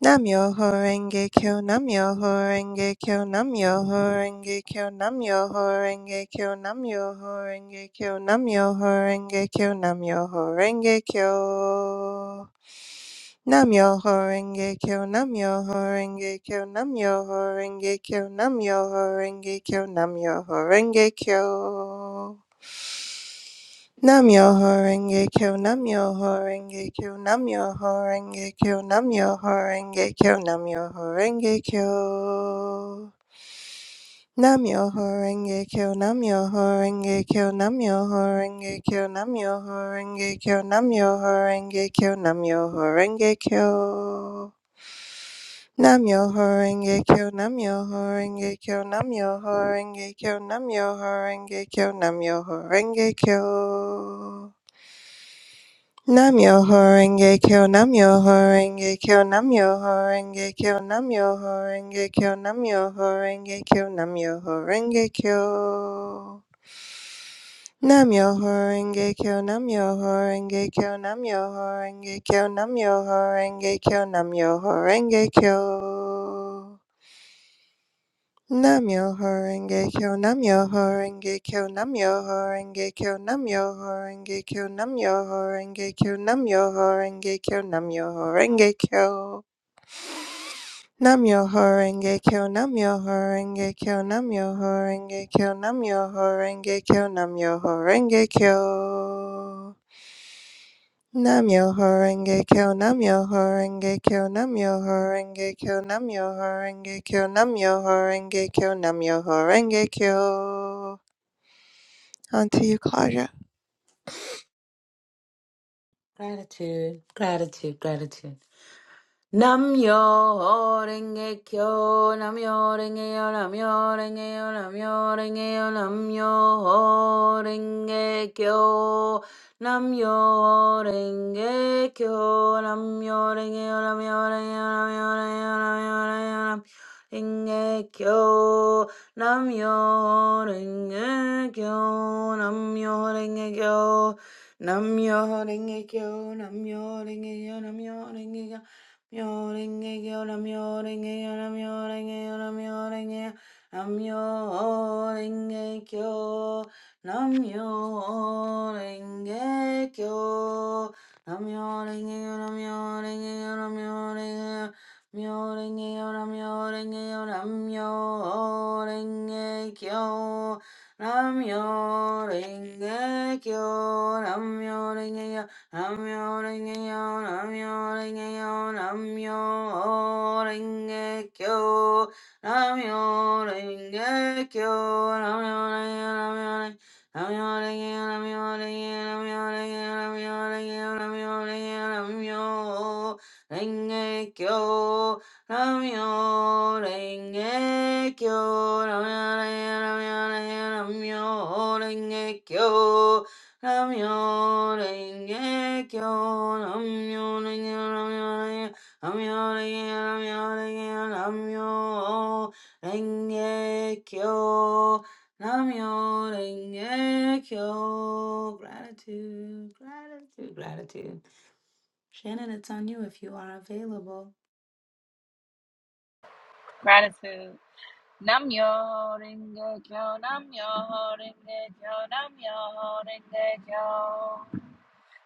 [SPEAKER 7] Namyoho Renge Kyo, Namyoho Renge Kyo, Namyoho Renge Kyo, Namyoho Renge Kyo, Namyoho Renge Kyo, Namyoho Renge Kyo, Namyoho Renge Kyo. Namyoho Renge Kyo, Namyoho Renge Kyo, Namyoho Renge Kyo, Namyoho Renge Kyo, Namyoho Renge Kyo. Nam-myoho-renge-kyo, Nam-myoho-renge-kyo, Nam-myoho-renge-kyo, Nam-myoho-renge-kyo, Nam-myoho-renge-kyo. Nam-myoho-renge-kyo, Nam-myoho-renge-kyo, Nam-myoho-renge-kyo, Nam-myoho-renge-kyo, Nam-myoho-renge-kyo, Nam-myoho-renge-kyo. Nam-myoho-renge-kyo, Nam-myoho-renge-kyo, Nam-myoho-renge-kyo, Nam-myoho-renge-kyo, Nam-myoho-renge-kyo. Namyoho Renge Kyo, Namyoho Renge Kyo, Namyoho horenge Kyo, Namyoho Renge Kyo, Namyoho Renge Kyo, Namyoho Renge Kyo. Namyoho horenge Kyo, Namyoho Renge Kyo, Namyoho Renge Kyo, Namyoho Renge Kyo, Namyoho horenge Kyo. Namyo Horenge Kyo Namyo Horenge Kyo Namyo Horenge Kyo Namyo Horenge Kyo Namyo Horenge Kyo Namyo Horenge Kyo Namyo Horenge Kyo Namyo Horenge Kyo Namyo Horenge Kyo Namyo Horenge Kyo Namyo Horenge Kyo Namyo Horenge Kyo Namyo Horenge Kyo Namyo Horenge Kyo Namyo Horenge Kyo Namyo Horenge Kyo Namyo Horenge Kyo Namyo Horenge Kyo. On to you, Claudia.
[SPEAKER 8] Gratitude, gratitude, gratitude. Namyo renge kyo, namyo renge yo, namyo renge yo, namyo renge yo, namyo renge kyo, namyo renge kyo, namyo renge yo, namyo renge yo, namyo renge yo, namyo renge kyo, namyo renge kyo, namyo renge kyo, namyo renge kyo, namyo renge yo, namyo renge kyo. Nam-myoho-renge-kyo. Nam-myoho-renge-kyo. Nam-myoho-renge-kyo. Nam-myoho-renge-kyo, Nam-myoho-renge-kyo, Nam-myoho-renge-kyo, Nam-myoho-renge-kyo, Nam-myoho-renge-kyo, Nam-myoho-renge-kyo, Nam-myoho-renge-kyo, Nam-myoho-renge-kyo, Nam-myoho-renge-kyo, Nam-myoho-renge-kyo, Nam-myoho-renge-kyo, Nam-myoho-renge-kyo, Namyo Renge Kyo, Namyo Renge, Namyo Renge, Namyo Renge, Namyo Renge, Namyo Renge Kyo, Namyo Renge Kyo. Gratitude, gratitude, gratitude. Shannon, it's on you if you are available.
[SPEAKER 9] Gratitude. Namyo Renge Kyo, Namyo Renge Kyo, Namyo Renge Kyo.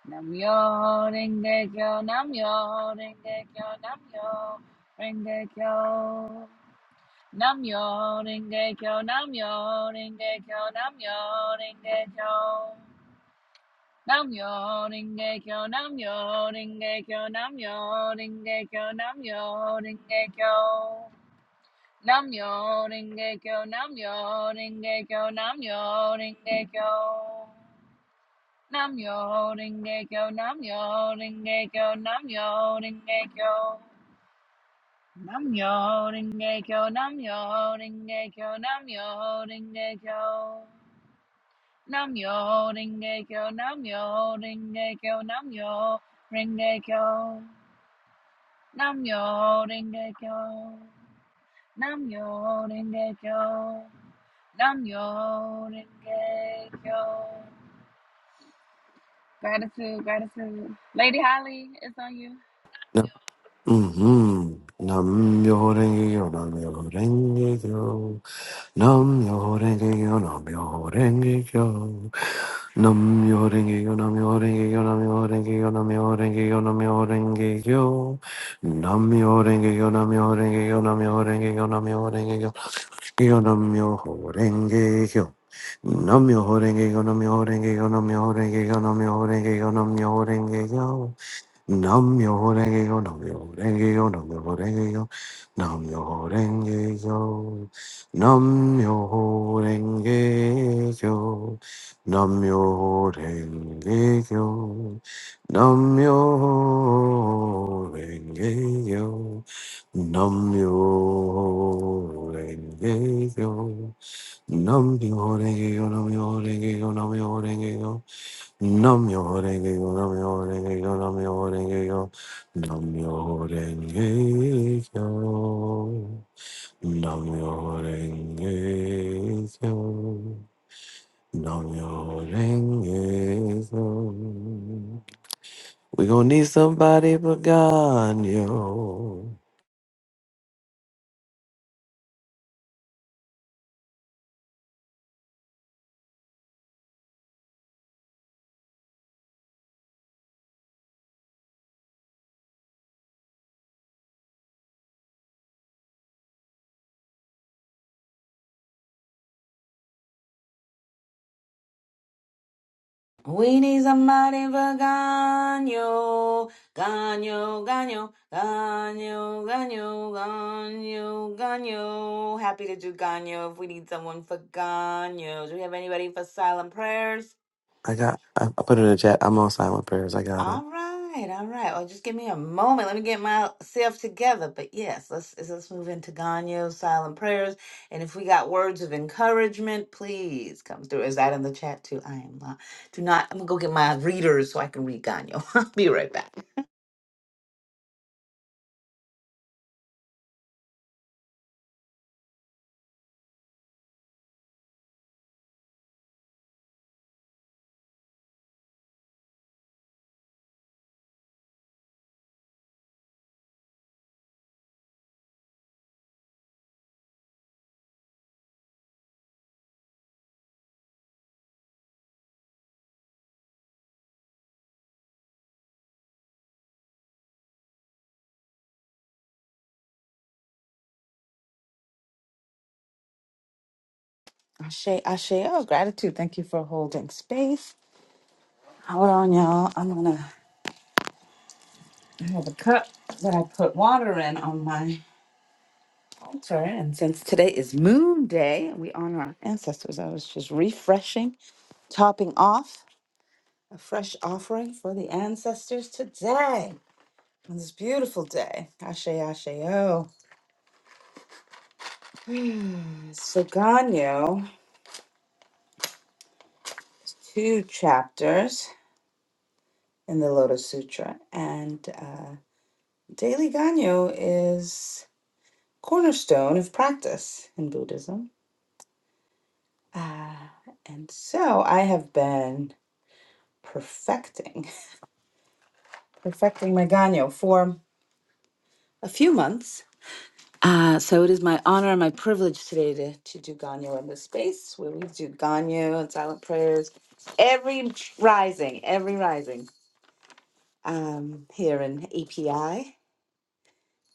[SPEAKER 9] Namyo Renge Kyo, Namyo Renge Kyo, Namyo Renge Kyo. Namyo Renge Kyo, Namyo Renge Kyo, Namyo Renge Kyo. Namyo Renge Kyo, Namyo Renge Kyo, Namyo Renge Kyo, Namyo Renge Kyo. Namyo Rengekyo, Namyo Rengekyo, Namyo Rengekyo. Namyo Rengekyo, Namyo Rengekyo, Namyo Rengekyo. Namyo Rengekyo, Namyo Rengekyo, Namyo Rengekyo. Namyo Rengekyo, Namyo Rengekyo, Namyo Rengekyo. Namyo Rengekyo, Namyo Rengekyo. Namyo Renge Kyo. Gratitude, gratitude. Lady Holly, it's on you.
[SPEAKER 10] Mm-hmm. Nam yo renge yo, nam yo renge yo, nam yo renge yo, nam yo renge yo, nam yo renge yo, nam yo renge yo, nam yo renge yo, nam yo renge yo, nam yo renge yo, nam yo renge yo, nam yo renge yo, nam yo renge yo, nam yo renge yo, yo nam yo renge yo. Nam yo renge yo, nam yo renge yo, nam yo renge yo, nam yo renge yo, nam yo renge yo. Nam yo renge yo, nam yo renge yo, nam yo renge yo, nam yo renge yo, nam yo renge yo, nam yo renge yo, nam yo renge yo, nam yo renge yo, nam yo renge yo, nam yo renge yo, nam yo renge yo, Nam yo renge yo, nam yo renge yo, nam yo renge yo, nam yo renge yo, nam yo renge yo, nam yo renge yo. We gonna need somebody but God, yo.
[SPEAKER 8] We need somebody for Ganyo, Ganyo, Ganyo, Ganyo, Ganyo, Ganyo, Ganyo. Happy to do Ganyo if we need someone for Ganyo. Do we have anybody for silent prayers?
[SPEAKER 10] I got. I, I put it in the chat. I'm on silent prayers. I got it.
[SPEAKER 8] All right, all right. Well, just give me a moment. Let me get myself together. But yes, let's let's move into Ganyo's silent prayers. And if we got words of encouragement, please come through. Is that in the chat too? I am not. Do not. I'm gonna go get my readers so I can read Ganyo. I'll be right back. Ashe, Ashe, oh, gratitude. Thank you for holding space. Hold on, y'all. I'm gonna I have a cup that I put water in on my altar. And since today is Moon Day, we honor our ancestors. I was just refreshing topping off a fresh offering for the ancestors today on this beautiful day. Ashe Ashe O. So Ganyo, two chapters in the Lotus Sutra, and uh, daily Ganyo is cornerstone of practice in Buddhism. Uh, and so I have been perfecting, perfecting my Ganyo for a few months Uh, so it is my honor and my privilege today to, to do Ganyo in this space where we do Ganyo and silent prayers every rising, every rising um, here in API.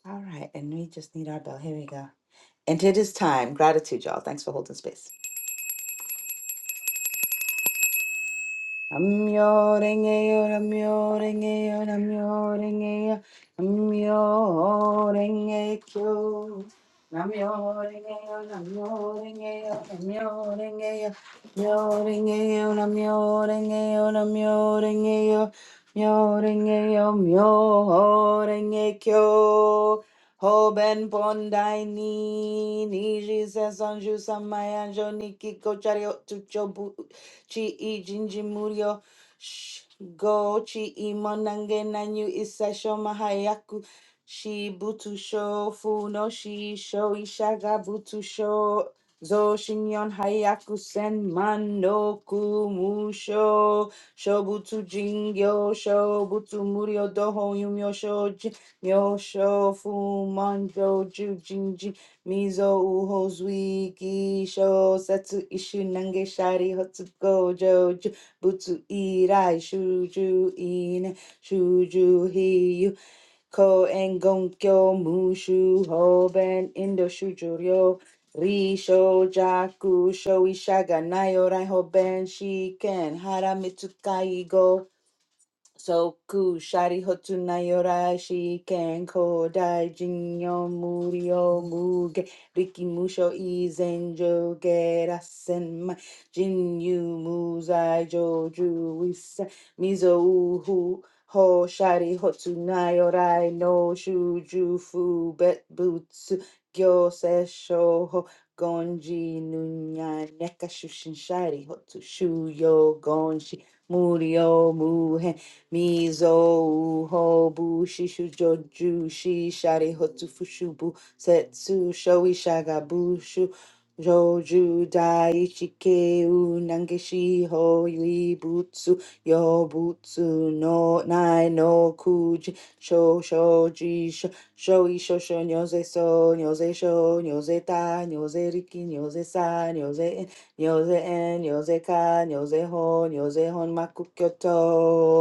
[SPEAKER 8] All right, and we just need our bell. Here we go. And it is time. Gratitude, y'all. Thanks for holding space. Namyo Rengeyo, Namyo Rengeyo, Namyo Rengeyo, Namyo Rengekyo. Namyo Rengeyo, Namyo Rengeyo, Namyo Rengeyo, Namyo Rengeyo, Namyo Rengeyo, Namyo Rengeyo, Namyo Rengeyo, Namyo Rengekyo. Hoben Pondai Ni, ni Niji Sesanju Samayanjo Nikiko Chario Chi i jinji murio sh- go chi i monange nanyu isaisho mahayaku. Shi butu sho fu no shi sho ishaga butu sho zo shinyon hayaku sen man no kumusho shobutu jingyo sho shobutu murio doho yumyo sho jin- yo sho fu manjo ju jinji Mizo uho zui gi sho setsu ishu nange shari hotsu gojo ju butsu irai shuju in shuju hiyu ko en gonkyo mushu hoben indo shuju ryo ri sho jaku sho ishaga nayo rai hoben shiken hara mitsukai Soku shari hotu nayorai shi ken kodai jinyo murio muge riki musho izen jo gerasen ma jinyu muzai joju wisa mizo uhu ho shari hotu nayorai no shuju fu bet butsu gyo se shoho gonji nunya neka shushin shari hotu shuyo gonshi Murio muhe Mizo Hobu Shishu Joju Shi Shari Hotu Fushubu Setsu Shoi Shagabushu Joju Daichike U Nangeshi Hoi Butsu Yobutsu no Nai no Kuji Sho Shoji Sho Shoi Shosho Nyoze So Nyoze Sho Nyoze Ta Nyoze Riki Nyoze Sa Nyoze En Nyoze En Nyoze Ka Nyoze Ho Nyoze Hon Maku Kyoto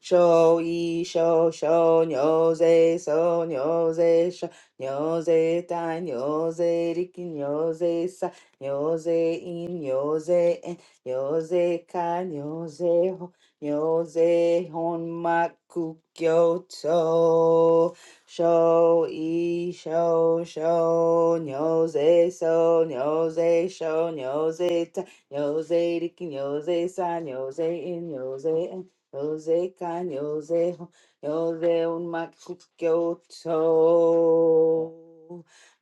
[SPEAKER 8] show yi show show nyo ze so nyo ze sho nyo ze tai nyo ze riki nyo ze sa nyo ze in nyo ze en nyo ze ka nyo ze ho nyo ze hon ma ku kyo to show e show show nyo ze so nyo ze show nyo ze ta nyo ze riki nyo ze sa nyo ze in nyo ze en Jose can Jose Jose un makukyoto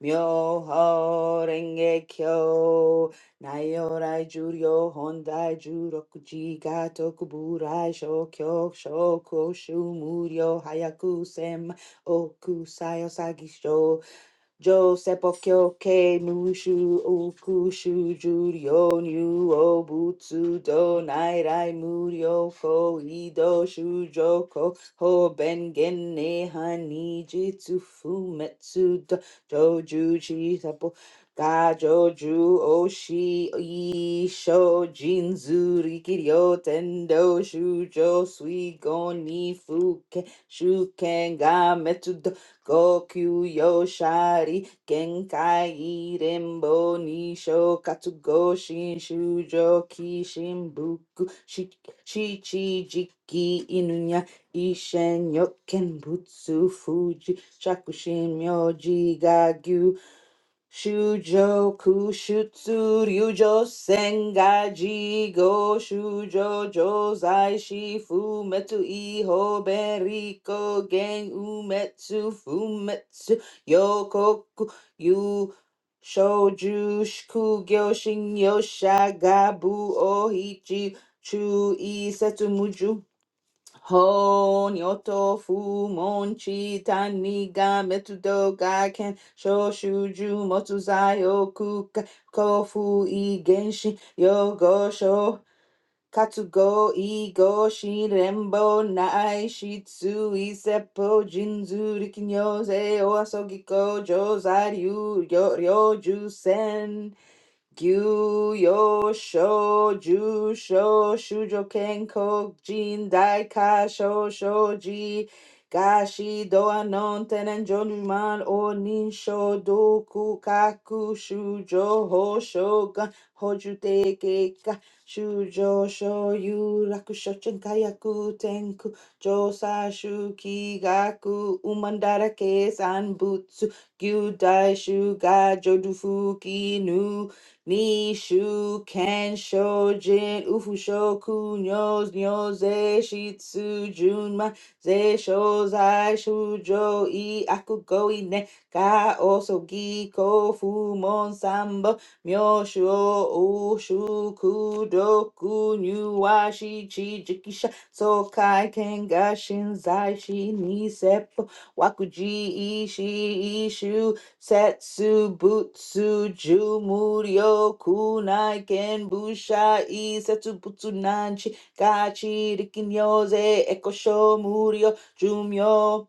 [SPEAKER 8] Myoho renge kyo Nayorai juryo hondai jurokuji gato kuburai shokyo shoko shumuryo hayaku sem oku sayo sagisho Jo sepokyoke mushu ukushu juryo nyu obutsu do nairai muryo ko ido shujoko ho bengen nehan nijitsu fumetsu do joju chi sepo ga joju oshi isho jinzu rikiryo tendo shujo suigo ni fuke shuken ga metsu Gokyu Yoshari Genkai Rembo Nisho Katsugo Shujo Kishin shi- Shichi Jiki Inunya Ishen Yoken Butsu Fuji Shakushin Myoji Shujo Kushutsu Ryujo Sengaji Go Shujo Jozai Shifu Metsu Iho Beriko Gen Umetsu Fumetsu Yokoku Yu Shoju Shikugyo Shin Yosha Gabu Ohichi Chu Isetsu Muju Ho nyoto fu monchi tani ga metudo ga ken shoshuju motuzai oku ka- kofu i genshin yogo sho katsugo i goshi rembo nai shitsu i seppo jinzu rikinyo se o asogi ko jozai ryu ryoju sen Gyu Yo Sho Ju Sho Shujo Ken Ko Jin Dai Ka Sho Shoji Gashi Doa Non Tenen Jonuman O Nin Sho Doku Kaku Shujo Ho Shogun Hoju Teke Ka Shujo Sho Yu Raku Shochen Kayaku Tenku Josa Shuki Gaku Umandara Ke San Butsu Gyudai Shuga Jodufuki Nu Nishu Ken Shojin Ufu Shoku Nyos Nyoze Shitsu Junma Ze Shozai Shujo I Akugoi Ne Ka Osogi Kofu Mon Sambo Myoshuo Ushu Kudoku Nyuashi Chijikisha Sokai Kengashin Zai Shi Nisepo Wakuji Ishi Ishu Setsu Butsu Ju Muryo Kunai Ken Bushai Setsu Butsu Nanchi Gachi Rikin Yose Ekosho Muryo Jumyo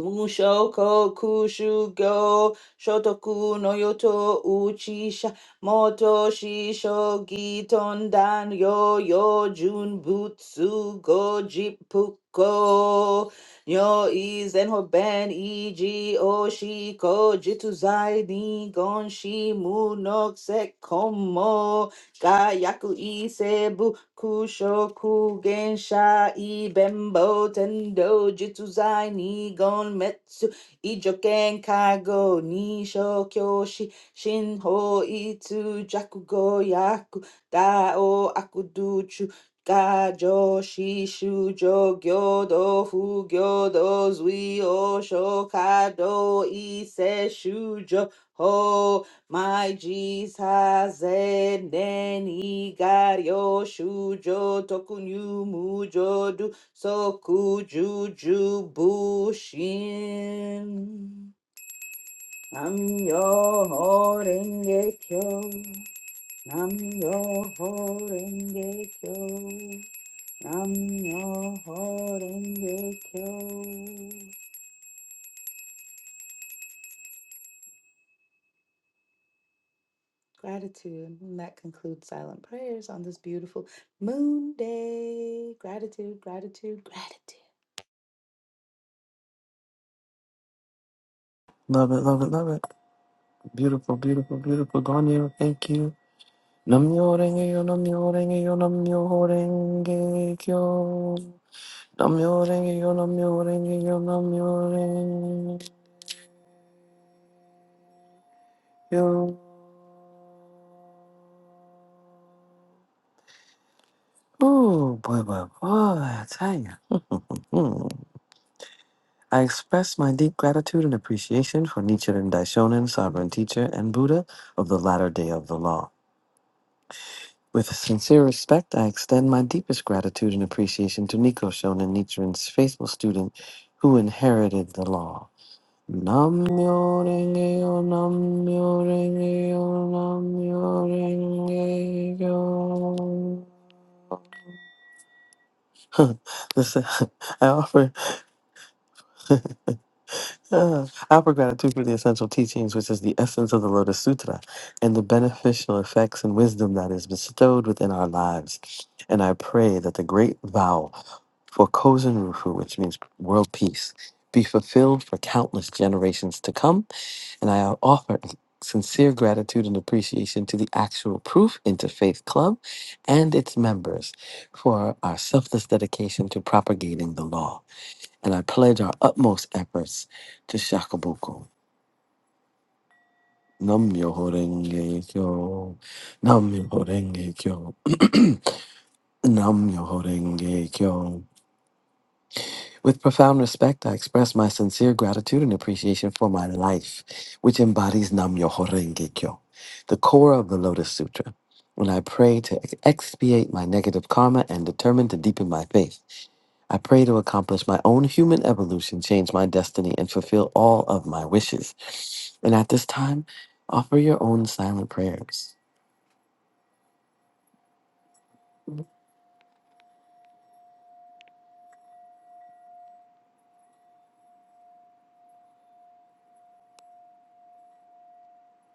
[SPEAKER 8] Mushoko kushugo shotoku no yoto uchisha moto shisho gitondan yo yo jun butsu go jipuko nyo izen hoben iji oshiko jituzai ni gon shi mu no komo Ga isebu kushoku gensha ibembo tendo jitsuzai nigon metsu ijoken kago nisho kyoshi shinho itsu jakugo yaku dao akuduchu Gajo shishu jo gyodo fu gyodo zui o shokado ise shujo my Jesus and then he got yo shujo tokunyu mujo du soku juju bushin. Nam yo ho renge kyo. Nam yo renge kyo. Nam yo renge kyo. Gratitude. And that concludes silent prayers on this beautiful moon day. Gratitude, gratitude, gratitude.
[SPEAKER 10] Love it, love it, love it. Beautiful, beautiful, beautiful. Gone thank you. Namyorenge yo namyorenge yo namyorenge kyo. Namyorenge yo namyorenge yo namyorenge kyo. Ooh, boy, boy, boy, I tell you. Hmm. I express my deep gratitude and appreciation for Nichiren Daishonin, sovereign teacher and Buddha of the latter day of the law. With sincere respect, I extend my deepest gratitude and appreciation to Niko Shonin, Nichiren's faithful student who inherited the law. Namyo renge yo, namyo renge yo, namyo renge yo. Huh, Listen, I offer, I offer gratitude for the essential teachings, which is the essence of the Lotus Sutra, and the beneficial effects and wisdom that is bestowed within our lives. And I pray that the great vow for Kozen Rufu, which means world peace, be fulfilled for countless generations to come and I offer sincere gratitude and appreciation to the actual Proof Interfaith Club and its members for our selfless dedication to propagating the law. And I pledge our utmost efforts to Shakabuku. Nam myoho renge kyo. Nam myoho renge kyo. Nam myoho renge kyo. With profound respect, I express my sincere gratitude and appreciation for my life, which embodies Nam Myoho Renge Kyo, the core of the Lotus Sutra. When I pray to ex- expiate my negative karma and determine to deepen my faith, I pray to accomplish my own human evolution, change my destiny, and fulfill all of my wishes. And at this time, offer your own silent prayers.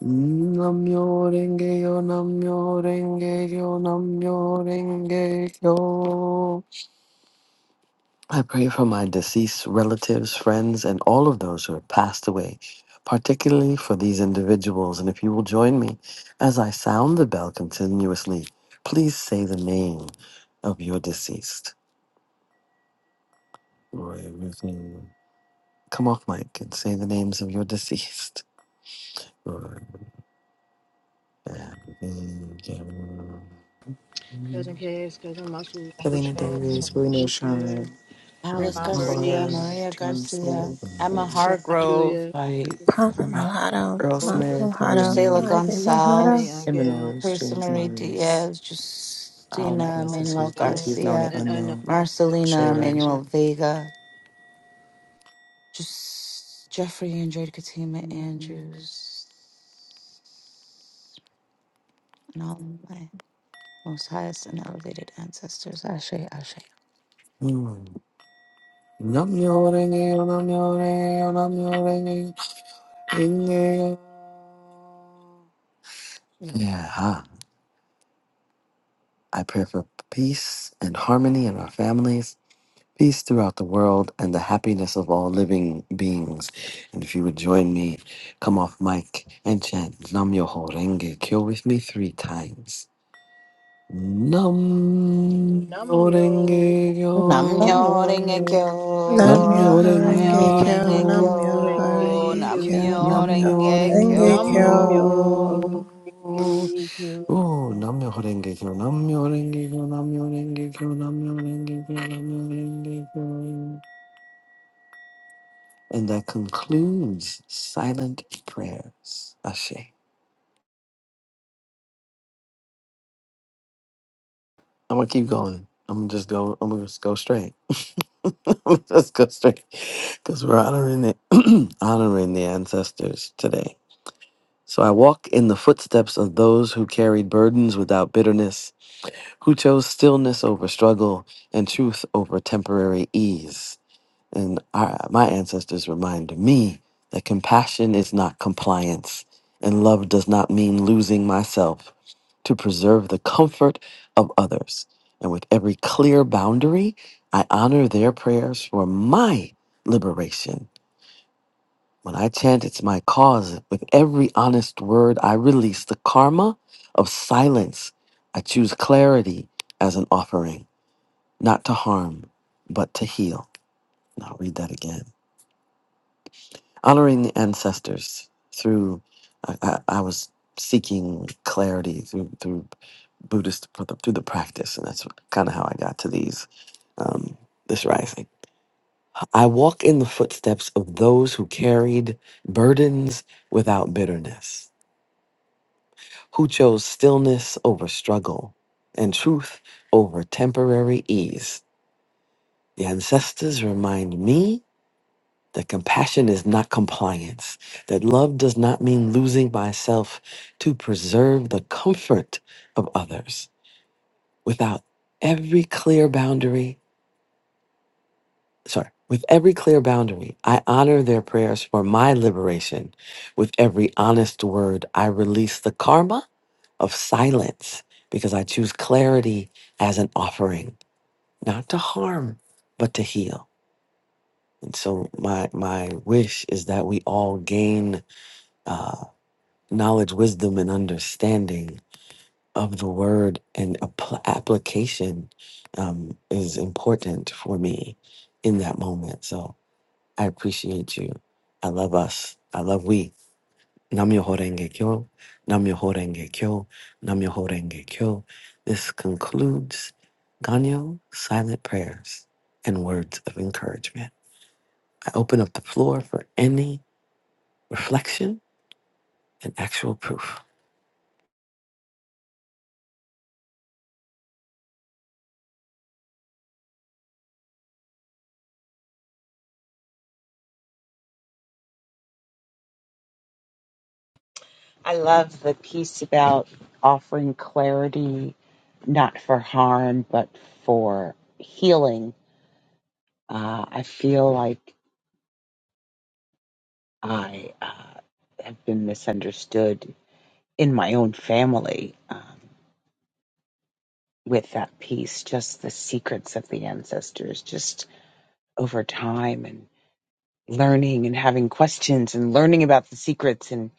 [SPEAKER 10] Nam Myoho Renge Kyo, Nam Myoho Renge Kyo, Nam Myoho Renge Kyo. I pray for my deceased relatives, friends, and all of those who have passed away, particularly for these individuals. And if you will join me as I sound the bell continuously, please say the name of your deceased. Roy Ruthven. Come off mic and say the names of your deceased. Roy Ruthven, Gavin,
[SPEAKER 6] cousin Cass, cousin Muscle, Uncle
[SPEAKER 3] Selena
[SPEAKER 6] Charles,
[SPEAKER 3] Davis,
[SPEAKER 10] Robert,
[SPEAKER 3] Reno Shine,
[SPEAKER 8] Alice
[SPEAKER 6] Grandma
[SPEAKER 8] Garcia,
[SPEAKER 3] Laura,
[SPEAKER 6] Bernice.
[SPEAKER 8] Maria
[SPEAKER 3] James
[SPEAKER 8] Garcia,
[SPEAKER 3] Smith,
[SPEAKER 8] Emma
[SPEAKER 3] um,
[SPEAKER 6] Grandma
[SPEAKER 8] Hargrove,
[SPEAKER 6] Julia,
[SPEAKER 3] Light,
[SPEAKER 7] Papa
[SPEAKER 3] uh,
[SPEAKER 7] Mulatto,
[SPEAKER 3] Earl
[SPEAKER 6] or
[SPEAKER 7] Mama
[SPEAKER 3] Smith, Maria
[SPEAKER 7] Mulatto,
[SPEAKER 8] Gisela
[SPEAKER 3] Moody,
[SPEAKER 7] Margaret
[SPEAKER 6] Renee
[SPEAKER 7] Mulatto.
[SPEAKER 8] Gonzalez,
[SPEAKER 3] Emma
[SPEAKER 6] Agil,
[SPEAKER 3] Norris,
[SPEAKER 8] Carissa
[SPEAKER 3] James
[SPEAKER 8] Marie
[SPEAKER 3] Norris,
[SPEAKER 8] Diaz,
[SPEAKER 3] all my
[SPEAKER 6] and
[SPEAKER 8] Justina
[SPEAKER 6] all of my
[SPEAKER 8] Manuel
[SPEAKER 3] ancestors,
[SPEAKER 6] known
[SPEAKER 3] deities known and
[SPEAKER 8] Garcia,
[SPEAKER 6] and unknown
[SPEAKER 3] unknown.
[SPEAKER 6] that
[SPEAKER 3] I
[SPEAKER 6] I
[SPEAKER 8] Marcelina
[SPEAKER 6] not
[SPEAKER 3] share.
[SPEAKER 8] Manuel
[SPEAKER 6] mention.
[SPEAKER 8] Vega, just Jeffrey Andrade Katima Andrews, and all of my most highest and elevated ancestors. Ashe, Ashe.
[SPEAKER 10] Namyorenge, namyorenge, namyorenge, inge. Yeah, huh. I pray for peace and harmony in our families, peace throughout the world, and the happiness of all living beings. And if you would join me, come off mic and chant Nam Yoho Renge Kyo with me three times. Nam
[SPEAKER 6] Nam
[SPEAKER 10] Yoho
[SPEAKER 6] yo
[SPEAKER 10] Renge
[SPEAKER 3] I'm
[SPEAKER 10] Kyo.
[SPEAKER 8] Namyo
[SPEAKER 6] renge
[SPEAKER 8] Renge
[SPEAKER 6] kyo,
[SPEAKER 10] Nam
[SPEAKER 3] yawning.
[SPEAKER 8] Kyo,
[SPEAKER 7] Namyo
[SPEAKER 10] Yoho
[SPEAKER 7] Horenge
[SPEAKER 8] Namyo
[SPEAKER 6] nam
[SPEAKER 10] Renge
[SPEAKER 7] Kyo
[SPEAKER 8] Renge
[SPEAKER 6] yo
[SPEAKER 10] Kyo.
[SPEAKER 7] Namyo
[SPEAKER 8] Kyo,
[SPEAKER 6] renge
[SPEAKER 7] Horenge Kyo
[SPEAKER 6] kyo,
[SPEAKER 8] Namyo
[SPEAKER 7] Namyo
[SPEAKER 8] Renge
[SPEAKER 7] Horenge
[SPEAKER 10] 남묘랭개교
[SPEAKER 6] nam
[SPEAKER 8] Kyo.
[SPEAKER 7] Kyo.
[SPEAKER 6] yo renge kyo.
[SPEAKER 10] 오 남묘랭개교 남묘랭개교 남묘랭개교 남묘랭개교 남묘랭개교 And that concludes silent prayers. Ashe. I'm gonna keep going. I'm gonna just go. I'm gonna just go straight. Let's go straight, because we're honoring the honoring the ancestors today. So I walk in the footsteps of those who carried burdens without bitterness who chose stillness over struggle and truth over temporary ease. And our, my ancestors reminded me that compassion is not compliance, and love does not mean losing myself to preserve the comfort of others. And with every clear boundary, I honor their prayers for my liberation when I chant, it's my cause. With every honest word, I release the karma of silence. I choose clarity as an offering, not to harm, but to heal. And I'll read that again. Honoring the ancestors through, I, I, I was seeking clarity through, through Buddhist, through the practice. And that's kind of how I got to these, um, this rising. I walk in the footsteps of those who carried burdens without bitterness. who chose stillness over struggle and truth over temporary ease. The ancestors remind me that compassion is not compliance, that love does not mean losing myself to preserve the comfort of others. Without every clear boundary, sorry, with every clear boundary, I honor their prayers for my liberation. With every honest word, I release the karma of silence because I choose clarity as an offering, not to harm, but to heal. And so my my wish is that we all gain uh, knowledge, wisdom, and understanding of the word, and appl application um, is important for me in that moment. So I appreciate you. I love us. I love we. Namyoho Renge Kyo, Namyoho Renge Kyo, Namyoho Renge Kyo. This concludes Ganyo silent prayers and words of encouragement. I open up the floor for any reflection and actual proof.
[SPEAKER 1] I love the piece about offering clarity, not for harm, but for healing Uh, I feel like I uh, have been misunderstood in my own family um, with that piece, just the secrets of the ancestors, just over time and learning and having questions and learning about the secrets and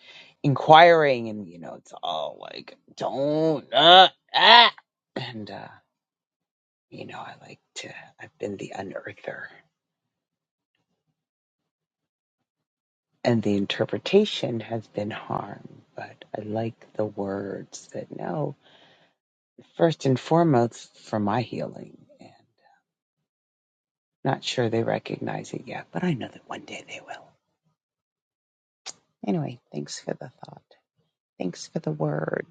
[SPEAKER 1] inquiring. And, you know, it's all like, don't, uh, ah. And, uh, you know, I like to, I've been the unearther. And the interpretation has been harm, but I like the words that no first and foremost for my healing. And not sure they recognize it yet, but I know that one day they will. Anyway, thanks for the thought. Thanks for the word.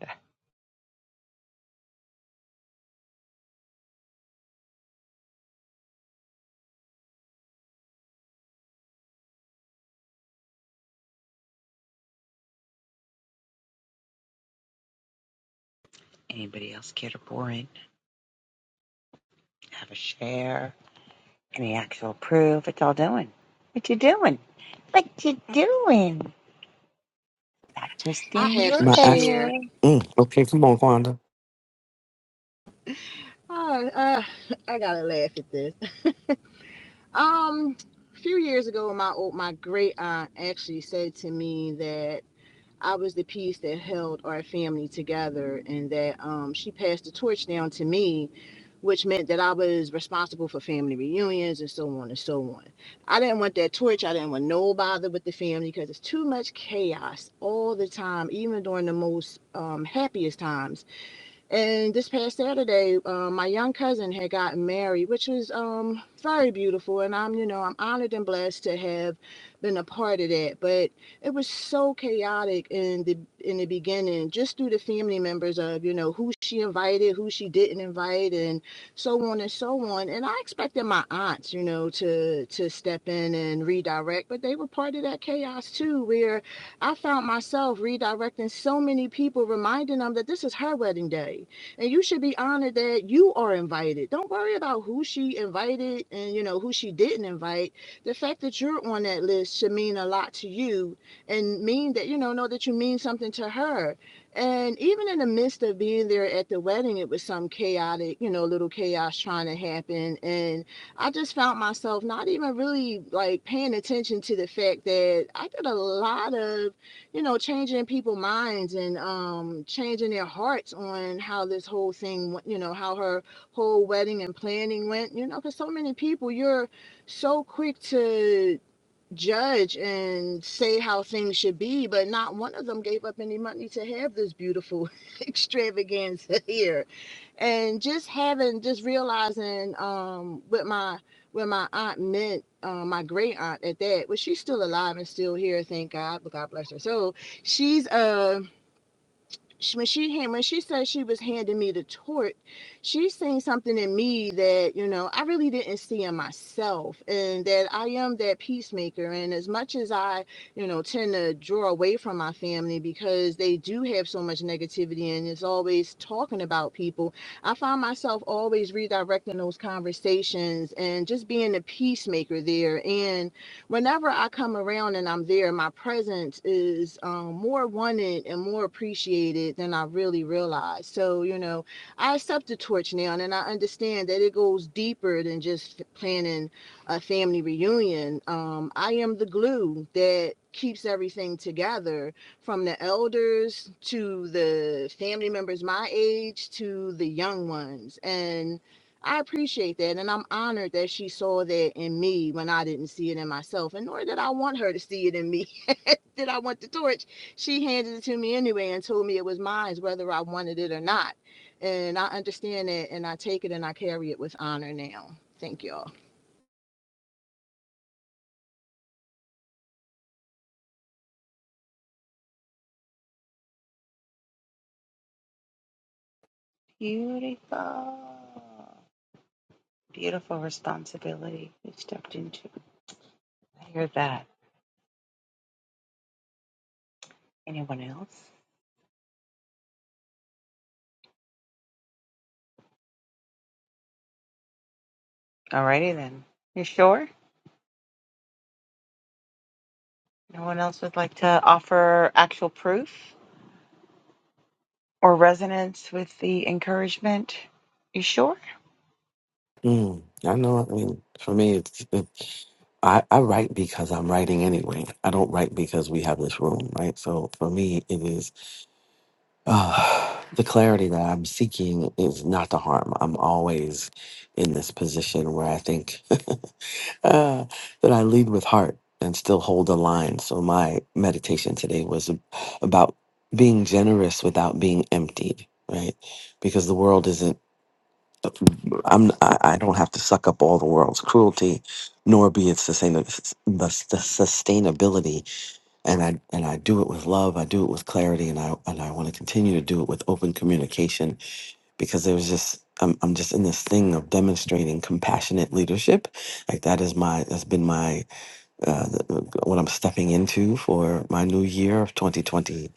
[SPEAKER 1] Anybody else care to pour in? Have a share? Any actual proof? It's all doing. What you doing? What you doing? Stop
[SPEAKER 6] I
[SPEAKER 1] twisting
[SPEAKER 6] have
[SPEAKER 1] your
[SPEAKER 6] some
[SPEAKER 10] My actual,
[SPEAKER 6] share.
[SPEAKER 1] hair.
[SPEAKER 10] mm, okay, come on, Kwanda.
[SPEAKER 6] Uh, uh, I gotta laugh at this. um, a few years ago, my old, my great aunt actually said to me that I was the piece that held our family together, and that um, she passed the torch down to me, which meant that I was responsible for family reunions and so on and so on. I didn't want that torch. I didn't want no bother with the family because it's too much chaos all the time, even during the most um, happiest times and this past Saturday, um, my young cousin had gotten married, which was um, very beautiful. And I'm, you know, I'm honored and blessed to have been a part of that. But it was so chaotic in the in the beginning, just through the family members of, you know, who she invited, who she didn't invite, and so on and so on. And I expected my aunts, you know, to to step in and redirect, but they were part of that chaos too, where I found myself redirecting so many people, reminding them that this is her wedding day and you should be honored that you are invited. Don't worry about who she invited and you know who she didn't invite. The fact that you're on that list should mean a lot to you and mean that you know know that you mean something to her. And even in the midst of being there at the wedding, it was some chaotic, you know, little chaos trying to happen and I just found myself not even really like paying attention to the fact that I did a lot of, you know, changing people's minds and um changing their hearts on how this whole thing, went, you know, how her whole wedding and planning went. You know, because so many people, you're so quick to judge and say how things should be, but not one of them gave up any money to have this beautiful extravaganza here and just having just realizing um what my with my aunt meant uh, my great aunt at that well she's still alive and still here thank god but god bless her so she's uh she, when she hand, when she said she was handing me the torch, she seen something in me that you know I really didn't see in myself, and that I am that peacemaker. And as much as I, you know, tend to draw away from my family because they do have so much negativity and it's always talking about people, I find myself always redirecting those conversations and just being a peacemaker there. And whenever I come around and I'm there, my presence is um, more wanted and more appreciated than I really realized. So, you know, I accept the torch now, and I understand that it goes deeper than just planning a family reunion. Um, I am the glue that keeps everything together from the elders to the family members my age to the young ones. And I appreciate that. And I'm honored that she saw that in me when I didn't see it in myself. And nor did I want her to see it in me. did I want the torch? She handed it to me anyway and told me it was mine, whether I wanted it or not. And I understand that and I take it and I carry it with honor now. Thank y'all.
[SPEAKER 1] Beautiful. Beautiful responsibility you stepped into. I hear that. Anyone else? Alrighty then. You sure? No one else would like to offer actual proof or resonance with the encouragement? You sure?
[SPEAKER 10] Mm, I know. I mean, for me, it's, it, I, I write because I'm writing anyway. I don't write because we have this room, right? So for me, it is. Uh, the clarity that I'm seeking is not to harm. I'm always in this position where I think uh, that I lead with heart and still hold the line. So my meditation today was ab- about being generous without being emptied, right? Because the world isn't. I'm. I I don't have to suck up all the world's cruelty, nor be its sustain the, the sustainability. And I and I do it with love. I do it with clarity, and I and I want to continue to do it with open communication because it was just I'm, I'm just in this thing of demonstrating compassionate leadership like that is my that's been my uh, th- what i'm stepping into for my new year of 2020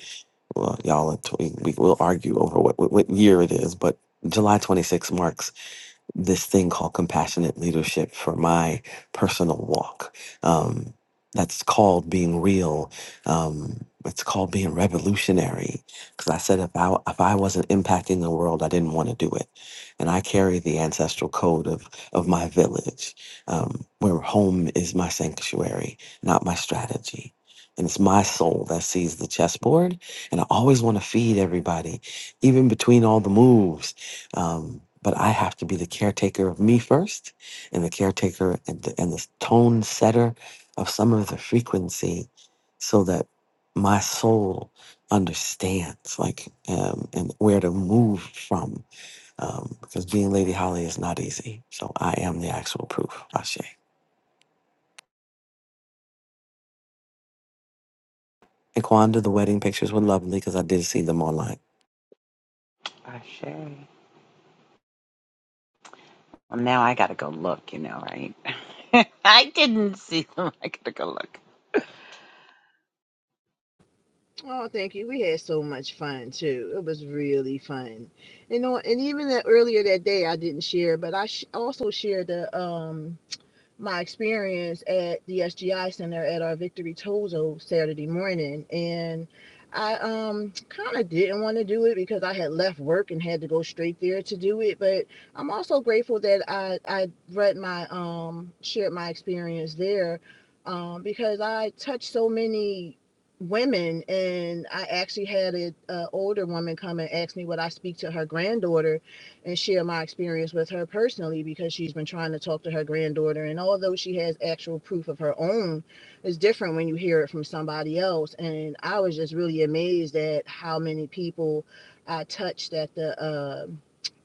[SPEAKER 10] well y'all are tw- we we will argue over what, what what year it is but july 26 marks this thing called compassionate leadership for my personal walk. Um, that's called being real. Um, it's called being revolutionary. Because I said if I if I wasn't impacting the world, I didn't want to do it. And I carry the ancestral code of of my village, um, where home is my sanctuary, not my strategy. And it's my soul that sees the chessboard. And I always want to feed everybody, even between all the moves. Um, but I have to be the caretaker of me first, and the caretaker and the, and the tone setter of some of the frequency, so that my soul understands like um, and where to move from. Um, because being Lady Holly is not easy. So I am the actual proof. Ashe. And Kwanda, the wedding pictures were lovely because I did see them online.
[SPEAKER 1] I sure. Well, now I gotta go look, you know, right? I didn't see them. I gotta go look.
[SPEAKER 6] Oh, thank you. We had so much fun too. It was really fun. You know, and even that earlier that day I didn't share, but I sh- also shared the um my experience at the SGI Center at our Victory Tozo Saturday morning, and I um kind of didn't want to do it because I had left work and had to go straight there to do it. But I'm also grateful that I I read my um shared my experience there, um because I touched so many women and I actually had an older woman come and ask me would I speak to her granddaughter and share my experience with her personally because she's been trying to talk to her granddaughter. And although she has actual proof of her own, it's different when you hear it from somebody else. And I was just really amazed at how many people I touched at the uh,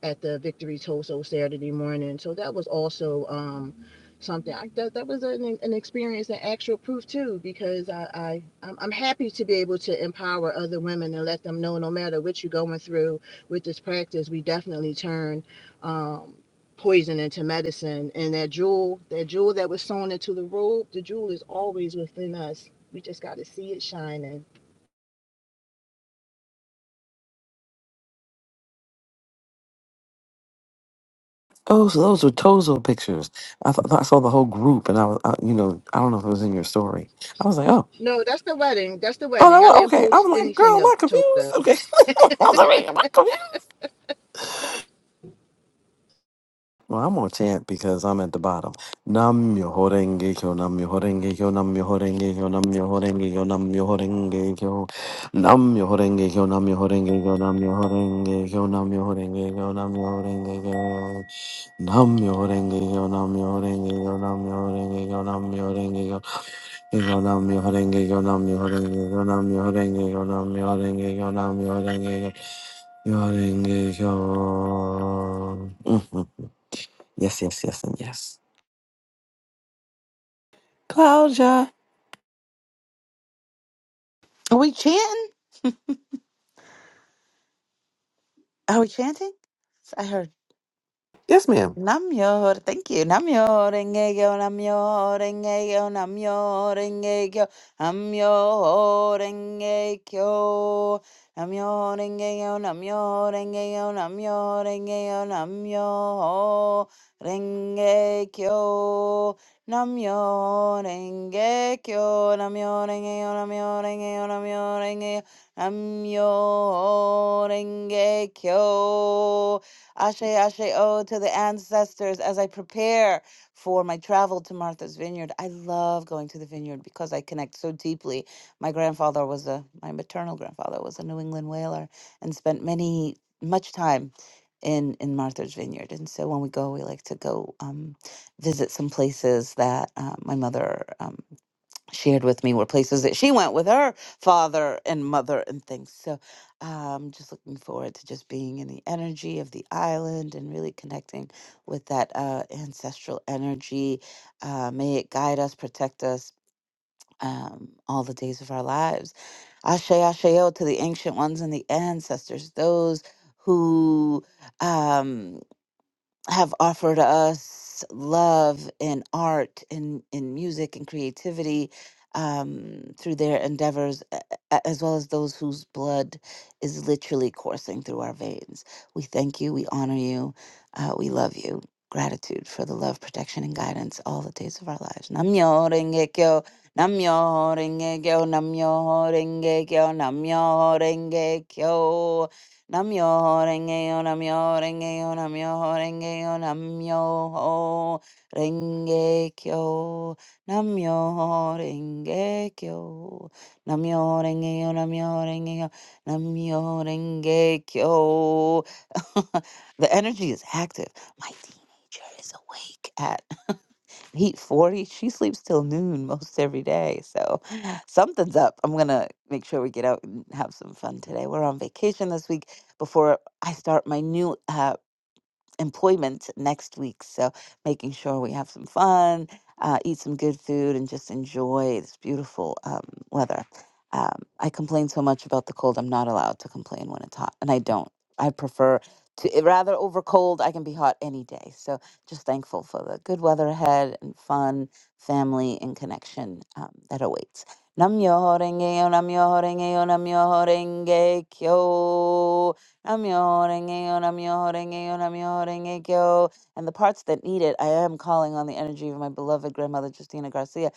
[SPEAKER 6] at the Victory Toso Saturday morning. So that was also um, something I, that that was an, an experience and actual proof too, because I, I I'm, I'm happy to be able to empower other women and let them know no matter what you're going through, with this practice, we definitely turn um, poison into medicine. And that jewel, that jewel that was sewn into the robe, the jewel is always within us. We just got to see it shining.
[SPEAKER 10] Oh, so those were Tozo pictures. I thought I saw the whole group, and I was, I, you know, I don't know if it was in your story. I was like, oh.
[SPEAKER 6] No, that's the wedding. That's the
[SPEAKER 10] Oh, that
[SPEAKER 6] wedding. I
[SPEAKER 10] was,
[SPEAKER 6] didn't
[SPEAKER 10] okay.
[SPEAKER 6] post
[SPEAKER 10] I'm like, girl,
[SPEAKER 6] anything
[SPEAKER 10] am
[SPEAKER 6] of
[SPEAKER 10] I confused?
[SPEAKER 6] Tosa.
[SPEAKER 10] Okay. I was like, am I confused? Well, I'm gonna chant because I'm at the bottom. Nam yo horenge kyo, nam yo horenge kyo, nam yo horenge kyo, nam yo horenge kyo, nam yo horenge kyo, nam yo horenge kyo, nam yo horenge kyo, nam yo horenge kyo, nam yo horenge kyo, nam yo horenge kyo, nam yo horenge kyo, nam yo horenge kyo, nam yo horenge kyo, nam yo horenge kyo, nam yo horenge kyo, Yonam Yorenge, Yonam Yorenge, Yonam Yorenge, Yonam Yorenge, Yonam Yorenge, Yorenge, Yon. Yes, yes, yes, and yes. Claudia.
[SPEAKER 8] Are we chanting? Are we chanting? I heard.
[SPEAKER 10] Yes, ma'am.
[SPEAKER 8] Namyor, thank you. Namyo, renge yo. namyo, renge yo. namyo, renge yo. namyo, renge yo. Namyor, engegyo, namyor, engegyo, yo. engegyo, namyor, engegyo, namyor, engegyo, namyor, engegyo, namyor, engegyo, namyor, engegyo, yo. engegyo, namyor, engegyo, namyor, engegyo, namyor, engegyo, namyor, engegyo. Ashe, ashe, oh, to the ancestors as I prepare for my travel to Martha's Vineyard. I love going to the vineyard because I connect so deeply. My grandfather was a, my maternal grandfather was a New England whaler and spent many, much time in, in Martha's Vineyard. And so when we go, we like to go um, visit some places that uh, my mother um, shared with me were places that she went with her father and mother and things. So I'm um, just looking forward to just being in the energy of the island and really connecting with that uh, ancestral energy. Uh, may it guide us, protect us um, all the days of our lives. Ashe, Asheo to the ancient ones and the ancestors, those who. Um, have offered us love and art and, and music and creativity um, through their endeavors, a- a- as well as those whose blood is literally coursing through our veins. We thank you. We honor you. Uh, we love you. Gratitude for the love, protection, and guidance all the days of our lives. Namyo Renge Kyo, Namyo Renge Kyo, Namyo Renge Kyo, Namyo Renge Kyo. Namyo renge yo, namyo renge yo, namyo renge yo, namyo renge kyo, namyo renge kyo, namyo renge yo, namyo renge yo, namyo renge kyo. the energy is active. My teenager is awake Heat 40. She sleeps till noon most every day. So something's up. I'm going to make sure we get out and have some fun today. We're on vacation this week before I start my new uh, employment next week. So making sure we have some fun, uh, eat some good food, and just enjoy this beautiful um, weather. Um, I complain so much about the cold. I'm not allowed to complain when it's hot, and I don't. I prefer to eh, rather over cold. I can be hot any day. So just thankful for the good weather ahead and fun, family, and connection um, that awaits. Nam yo renge yo, nam yo renge yo, nam yo renge kyo. Namyo-renge-kyo, namyo-renge-kyo, namyo-renge-kyo. And the parts that need it, I am calling on the energy of my beloved grandmother, Justina Garcia,